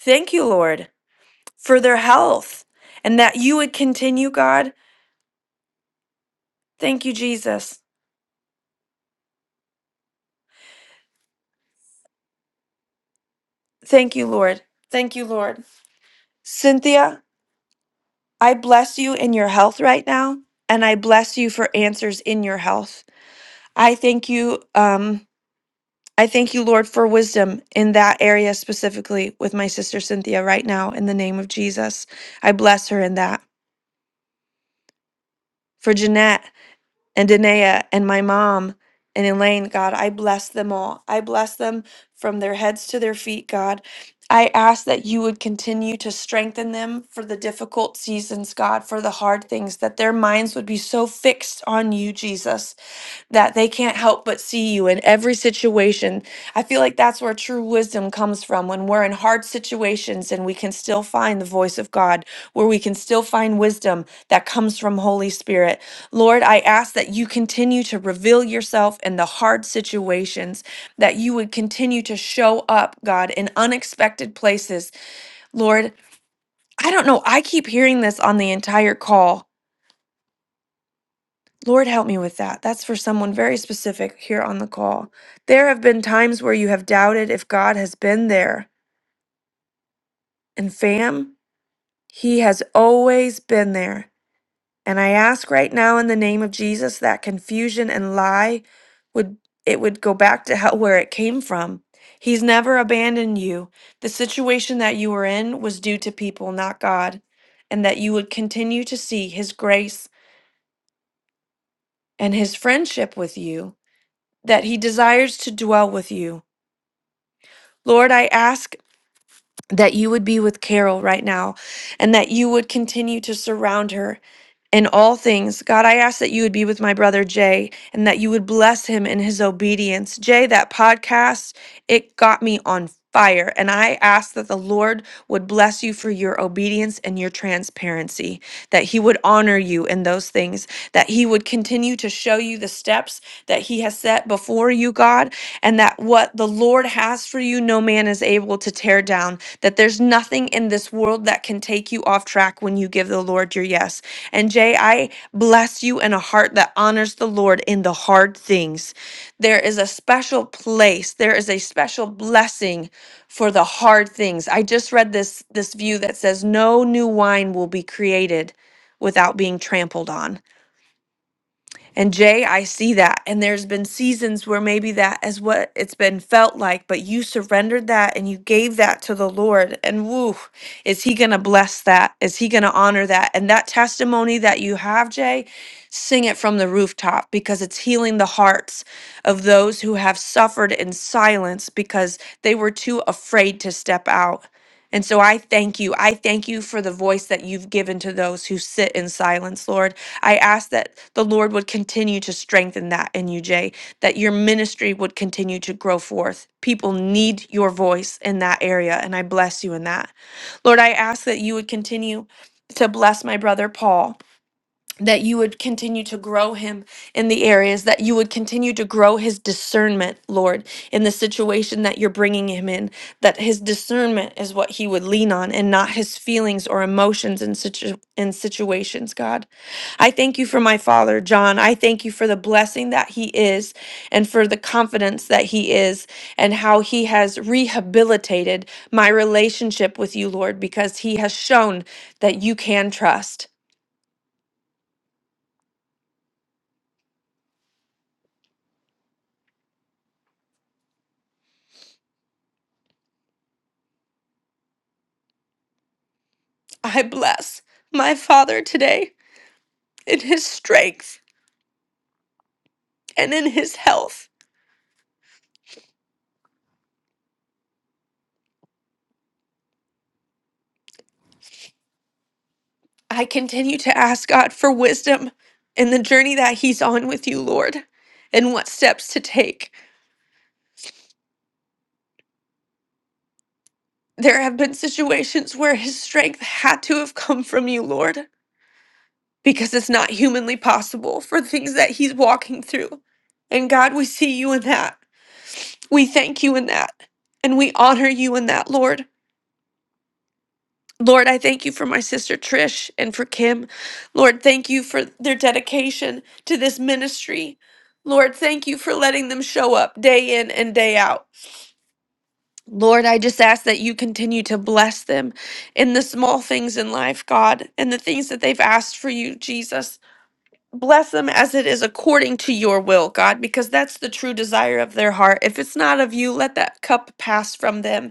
[SPEAKER 1] Thank you, Lord, for their health and that you would continue, God. Thank you, Jesus. Thank you, Lord. Thank you, Lord. Cynthia, I bless you in your health right now, and I bless you for answers in your health. I thank you. Um, I thank you, Lord, for wisdom in that area specifically with my sister Cynthia right now in the name of Jesus. I bless her in that. For Jeanette, and Danae and my mom and Elaine, God, I bless them all. I bless them from their heads to their feet, God. I ask that you would continue to strengthen them for the difficult seasons, God, for the hard things, that their minds would be so fixed on you, Jesus that they can't help but see you in every situation. I feel like that's where true wisdom comes from when we're in hard situations and we can still find the voice of God, where we can still find wisdom that comes from Holy Spirit. Lord, I ask that you continue to reveal yourself in the hard situations, that you would continue to show up, God, in unexpected places. Lord, I don't know, I keep hearing this on the entire call Lord, help me with that. That's for someone very specific here on the call. There have been times where you have doubted if God has been there. And fam, He has always been there. And I ask right now in the name of Jesus that confusion and lie would it would go back to hell where it came from. He's never abandoned you. The situation that you were in was due to people, not God, and that you would continue to see his grace and his friendship with you. that he desires to dwell with you. Lord, I ask that you would be with Carol right now and that you would continue to surround her in all things. God, I ask that you would be with my brother Jay and that you would bless him in his obedience. Jay, that podcast, it got me on fire. And I ask that the Lord would bless you for your obedience and your transparency, that he would honor you in those things, that he would continue to show you the steps that he has set before you, God, and that what the Lord has for you, no man is able to tear down, that there's nothing in this world that can take you off track when you give the Lord your yes. And Jay, I bless you in a heart that honors the Lord in the hard things. There is a special place, there is a special blessing for the hard things. I just read this this view that says no new wine will be created without being trampled on. And Jay, I see that. And there's been seasons where maybe that is what it's been felt like, but you surrendered that and you gave that to the Lord. And woo, is He going to bless that? Is He going to honor that? And that testimony that you have, Jay, sing it from the rooftop because it's healing the hearts of those who have suffered in silence because they were too afraid to step out. And so I thank you. I thank you for the voice that you've given to those who sit in silence, Lord. I ask that the Lord would continue to strengthen that in you, Jay, that your ministry would continue to grow forth. People need your voice in that area, and I bless you in that. Lord, I ask that you would continue to bless my brother Paul that you would continue to grow him in the areas, that you would continue to grow his discernment, Lord, in the situation that you're bringing him in, that his discernment is what he would lean on and not his feelings or emotions in, situ- in situations, God. I thank you for my father, John. I thank you for the blessing that he is and for the confidence that he is and how he has rehabilitated my relationship with you, Lord, because he has shown that you can trust. I bless my Father today in his strength and in his health. I continue to ask God for wisdom in the journey that he's on with you, Lord, and what steps to take. There have been situations where his strength had to have come from you, Lord, because it's not humanly possible for things that he's walking through. And God, we see you in that. We thank you in that. And we honor you in that, Lord. Lord, I thank you for my sister Trish and for Kim. Lord, thank you for their dedication to this ministry. Lord, thank you for letting them show up day in and day out. Lord, I just ask that you continue to bless them in the small things in life, God, and the things that they've asked for you, Jesus. Bless them as it is according to your will, God, because that's the true desire of their heart. If it's not of you, let that cup pass from them.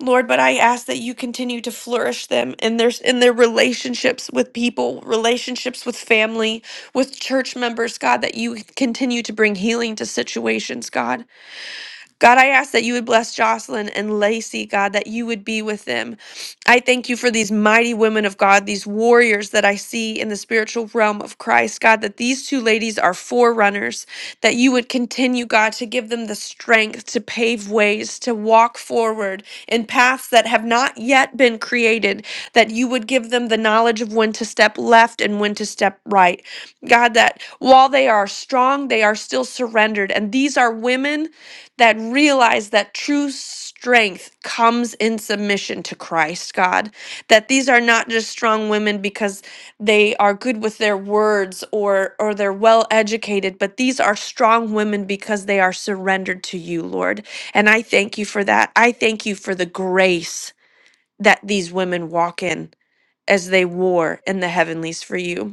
[SPEAKER 1] Lord, but I ask that you continue to flourish them in their in their relationships with people, relationships with family, with church members, God, that you continue to bring healing to situations, God. God, I ask that you would bless Jocelyn and Lacey, God, that you would be with them. I thank you for these mighty women of God, these warriors that I see in the spiritual realm of Christ, God, that these two ladies are forerunners, that you would continue, God, to give them the strength to pave ways, to walk forward in paths that have not yet been created, that you would give them the knowledge of when to step left and when to step right. God, that while they are strong, they are still surrendered. And these are women that realize that true strength comes in submission to Christ, God. That these are not just strong women because they are good with their words or or they're well educated, but these are strong women because they are surrendered to you, Lord. And I thank you for that. I thank you for the grace that these women walk in as they war in the heavenlies for you.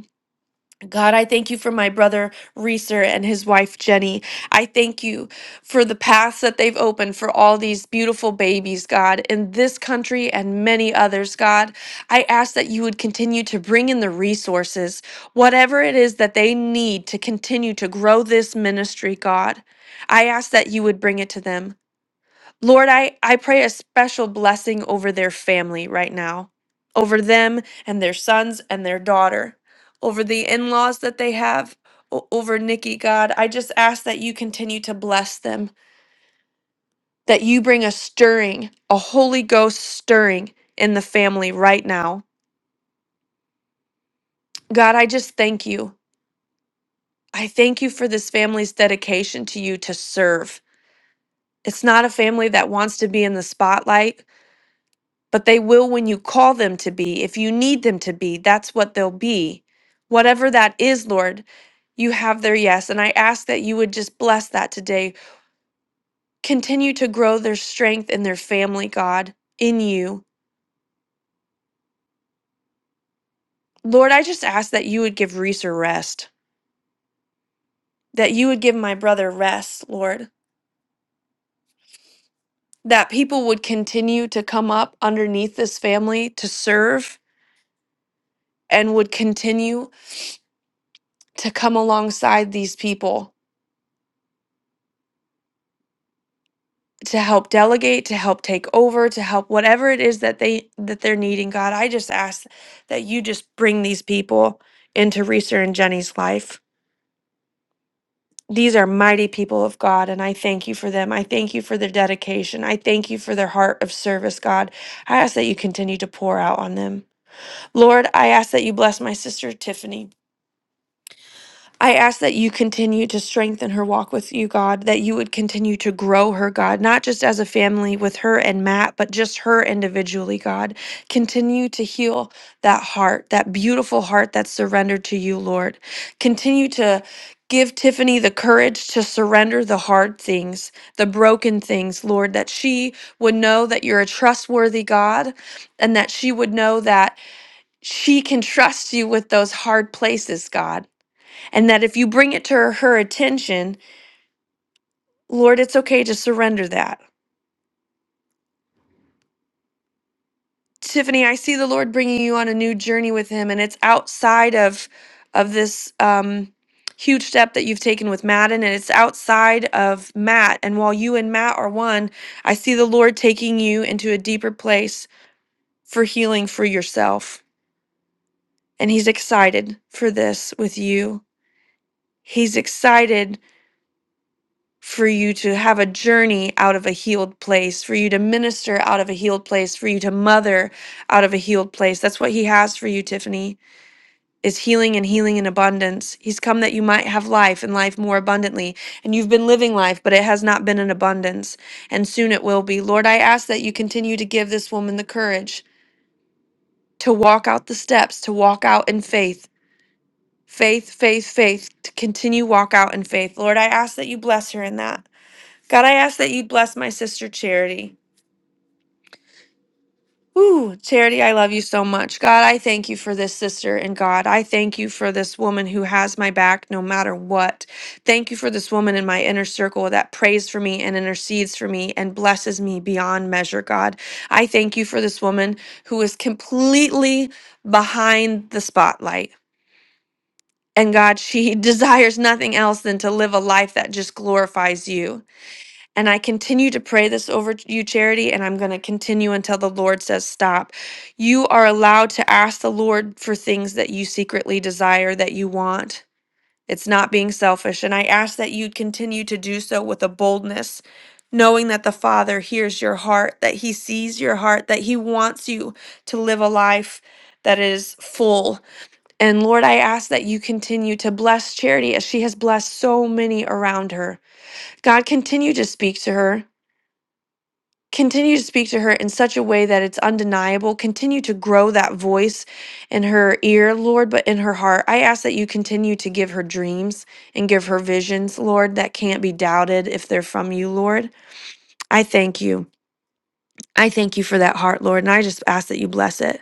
[SPEAKER 1] God, I thank you for my brother Reeser and his wife Jenny. I thank you for the paths that they've opened for all these beautiful babies, God, in this country and many others, God. I ask that you would continue to bring in the resources, whatever it is that they need to continue to grow this ministry, God. I ask that you would bring it to them. Lord, I, I pray a special blessing over their family right now, over them and their sons and their daughter, over the in laws that they have, o- over Nikki, God. I just ask that you continue to bless them, that you bring a stirring, a Holy Ghost stirring in the family right now. God, I just thank you. I thank you for this family's dedication to you to serve. It's not a family that wants to be in the spotlight. but they will when you call them to be. If you need them to be, that's what they'll be. Whatever that is, Lord, you have their yes. And I ask that you would just bless that today. Continue to grow their strength and their family, God, in you. Lord, I just ask that you would give Reeser rest, that you would give my brother rest, Lord, that people would continue to come up underneath this family to serve and would continue to come alongside these people to help delegate to help take over to help whatever it is that they that they're needing god i just ask that you just bring these people into reese and jenny's life these are mighty people of god and i thank you for them i thank you for their dedication i thank you for their heart of service god i ask that you continue to pour out on them lord i ask that you bless my sister tiffany I ask that you continue to strengthen her walk with you, God, that you would continue to grow her, God, not just as a family with her and Matt, but just her individually, God. Continue to heal that heart, that beautiful heart that's surrendered to you, Lord. Continue to give Tiffany the courage to surrender the hard things, the broken things, Lord, that she would know that you're a trustworthy God and that she would know that she can trust you with those hard places, God and that if you bring it to her, her attention, Lord, it's okay to surrender that. Tiffany, I see the Lord bringing you on a new journey with Him, and it's outside of of this um, huge step that you've taken with Madden, and it's outside of Matt. And while you and Matt are one, I see the Lord taking you into a deeper place for healing for yourself, and He's excited for this with you. He's excited for you to have a journey out of a healed place, for you to minister out of a healed place, for you to mother out of a healed place. That's what he has for you, Tiffany. Is healing and healing in abundance. He's come that you might have life and life more abundantly. And you've been living life, but it has not been in abundance. And soon it will be. Lord, I ask that you continue to give this woman the courage to walk out the steps, to walk out in faith. Faith, faith, faith, to continue walk out in faith. Lord, I ask that you bless her in that. God, I ask that you bless my sister Charity. Ooh, Charity, I love you so much. God, I thank you for this sister. And God, I thank you for this woman who has my back no matter what. Thank you for this woman in my inner circle that prays for me and intercedes for me and blesses me beyond measure, God. I thank you for this woman who is completely behind the spotlight. And God, she [LAUGHS] desires nothing else than to live a life that just glorifies you. And I continue to pray this over you, Charity, and I'm going to continue until the Lord says stop. You are allowed to ask the Lord for things that you secretly desire, that you want. It's not being selfish. And I ask that you continue to do so with a boldness, knowing that the Father hears your heart, that He sees your heart, that He wants you to live a life that is full. And Lord, I ask that you continue to bless Charity as she has blessed so many around her. God, continue to speak to her continue to speak to her in such a way that it's undeniable. Continue to grow that voice in her ear, Lord, but in her heart. I ask that you continue to give her dreams and give her visions, Lord, that can't be doubted if they're from you, Lord. I thank you. I thank you for that heart, Lord, and I just ask that you bless it.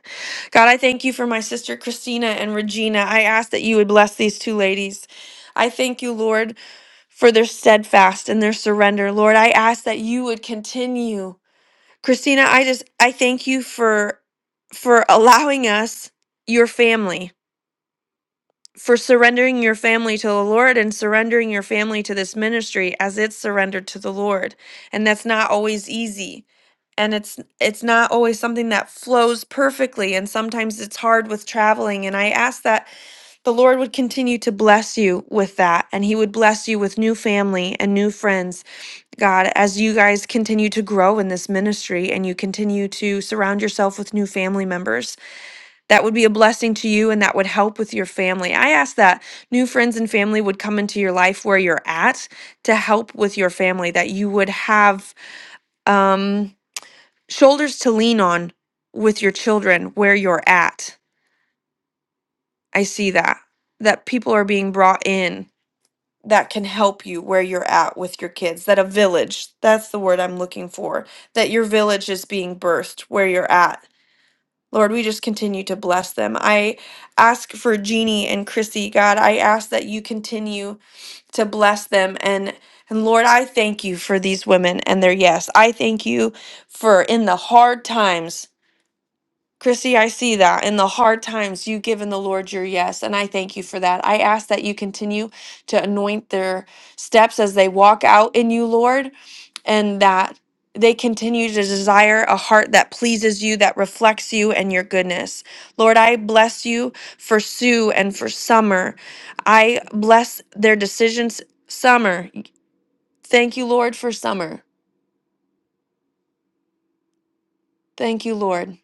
[SPEAKER 1] God, I thank you for my sister Christina and Regina. I ask that you would bless these two ladies. I thank you, Lord, for their steadfast and their surrender. Lord, I ask that you would continue Christina, I just I thank you for for allowing us your family, for surrendering your family to the Lord and surrendering your family to this ministry as it's surrendered to the Lord. And that's not always easy. And it's it's not always something that flows perfectly and sometimes it's hard with traveling and I ask that the Lord would continue to bless you with that and he would bless you with new family and new friends God, as you guys continue to grow in this ministry and you continue to surround yourself with new family members, that would be a blessing to you and that would help with your family. I ask that new friends and family would come into your life where you're at to help with your family, that you would have um, shoulders to lean on with your children where you're at. I see that, that people are being brought in that can help you where you're at with your kids that a village that's the word i'm looking for that your village is being birthed where you're at lord we just continue to bless them i ask for jeannie and chrissy god i ask that you continue to bless them and and lord i thank you for these women and their yes i thank you for in the hard times Chrissy, I see that in the hard times you have given the Lord your yes, and I thank you for that. I ask that you continue to anoint their steps as they walk out in you, Lord, and that they continue to desire a heart that pleases you, that reflects you and your goodness. Lord, I bless you for Sue and for Summer. I bless their decisions, Summer. Thank you, Lord, for Summer. Thank you, Lord.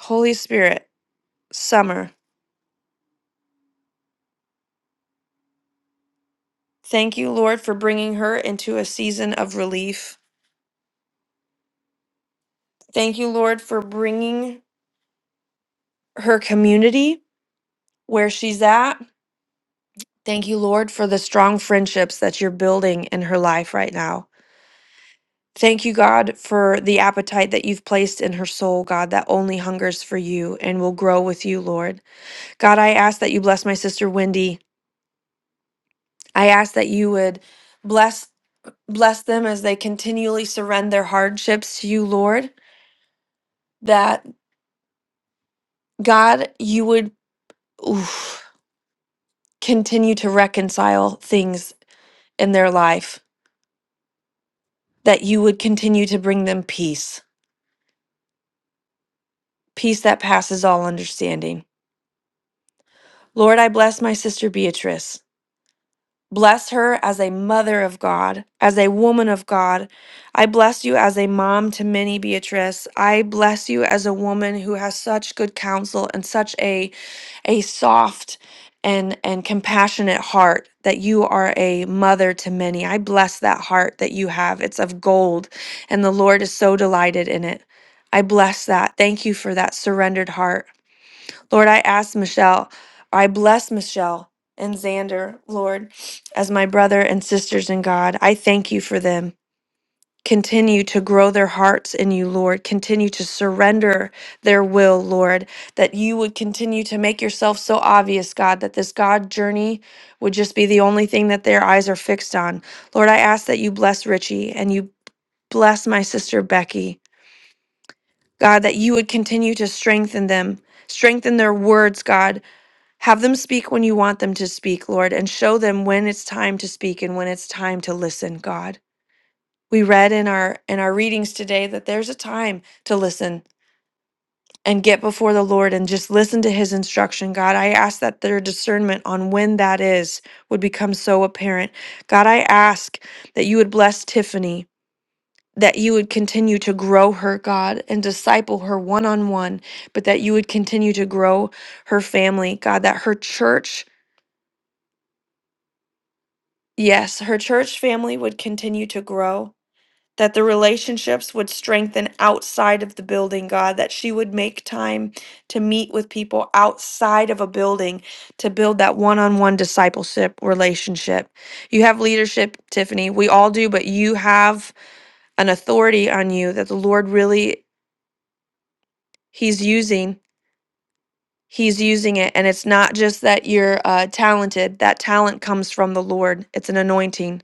[SPEAKER 1] Holy Spirit, Summer. Thank you, Lord, for bringing her into a season of relief. Thank you, Lord, for bringing her community where she's at. Thank you, Lord, for the strong friendships that you're building in her life right now. Thank you, God, for the appetite that you've placed in her soul, God, that only hungers for you and will grow with you, Lord. God, I ask that you bless my sister Wendy. I ask that you would bless bless them as they continually surrender their hardships to you, Lord. That God, you would oof, continue to reconcile things in their life, that you would continue to bring them peace, peace that passes all understanding. Lord, I bless my sister Beatrice. Bless her as a mother of God, as a woman of God. I bless you as a mom to many, Beatrice. I bless you as a woman who has such good counsel and such a, a soft and, and compassionate heart that you are a mother to many. I bless that heart that you have. It's of gold, and the Lord is so delighted in it. I bless that. Thank you for that surrendered heart. Lord, I ask Michelle, I bless Michelle and Xander, Lord, as my brother and sisters in God. I thank you for them. Continue to grow their hearts in you, Lord. Continue to surrender their will, Lord, that you would continue to make yourself so obvious, God, that this God journey would just be the only thing that their eyes are fixed on. Lord, I ask that you bless Richie and you bless my sister Becky. God, that you would continue to strengthen them, strengthen their words, God, have them speak when you want them to speak, Lord, and show them when it's time to speak and when it's time to listen, God. We read in our in our readings today that there's a time to listen and get before the Lord and just listen to his instruction, God. I ask that their discernment on when that is would become so apparent. God, I ask that you would bless Tiffany that you would continue to grow her, God, and disciple her one on one, but that you would continue to grow her family, God, that her church Yes, her church family would continue to grow, that the relationships would strengthen outside of the building, God, that she would make time to meet with people outside of a building to build that one on one discipleship relationship. You have leadership, Tiffany. We all do, but you have an authority on you that the Lord really, He's using. He's using it, and it's not just that you're uh, talented. That talent comes from the Lord. It's an anointing.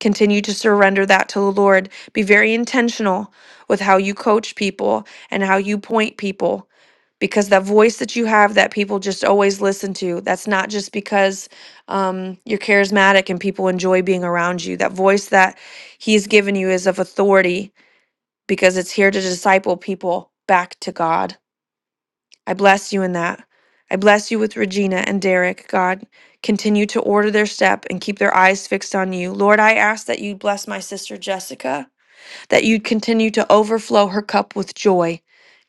[SPEAKER 1] Continue to surrender that to the Lord. Be very intentional with how you coach people and how you point people because that voice that you have that people just always listen to, that's not just because um, you're charismatic and people enjoy being around you. That voice that He's given you is of authority because it's here to disciple people back to God. I bless you in that. I bless you with Regina and Derek, God. Continue to order their step and keep their eyes fixed on you. Lord, I ask that you bless my sister Jessica, that you'd continue to overflow her cup with joy.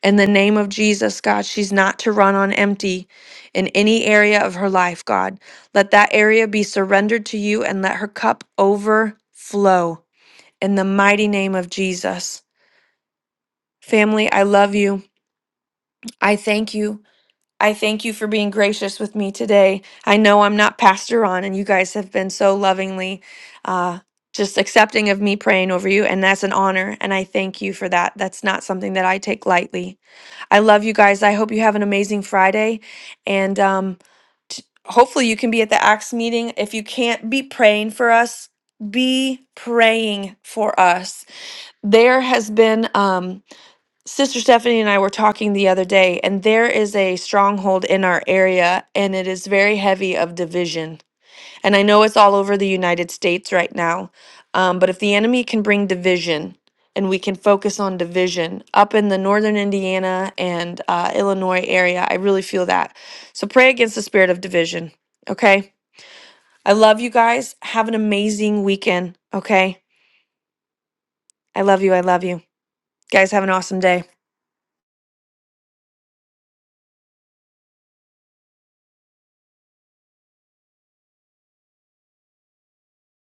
[SPEAKER 1] In the name of Jesus, God, she's not to run on empty in any area of her life, God. Let that area be surrendered to you and let her cup overflow. In the mighty name of Jesus. Family, I love you. I thank you. I thank you for being gracious with me today. I know I'm not Pastor Ron, and you guys have been so lovingly uh, just accepting of me praying over you, and that's an honor. And I thank you for that. That's not something that I take lightly. I love you guys. I hope you have an amazing Friday, and um, t- hopefully you can be at the Acts meeting. If you can't be praying for us, be praying for us. There has been. Um, Sister Stephanie and I were talking the other day, and there is a stronghold in our area, and it is very heavy of division. And I know it's all over the United States right now, um, but if the enemy can bring division and we can focus on division up in the northern Indiana and uh, Illinois area, I really feel that. So pray against the spirit of division, okay? I love you guys. Have an amazing weekend, okay? I love you. I love you. Guys, have an awesome day.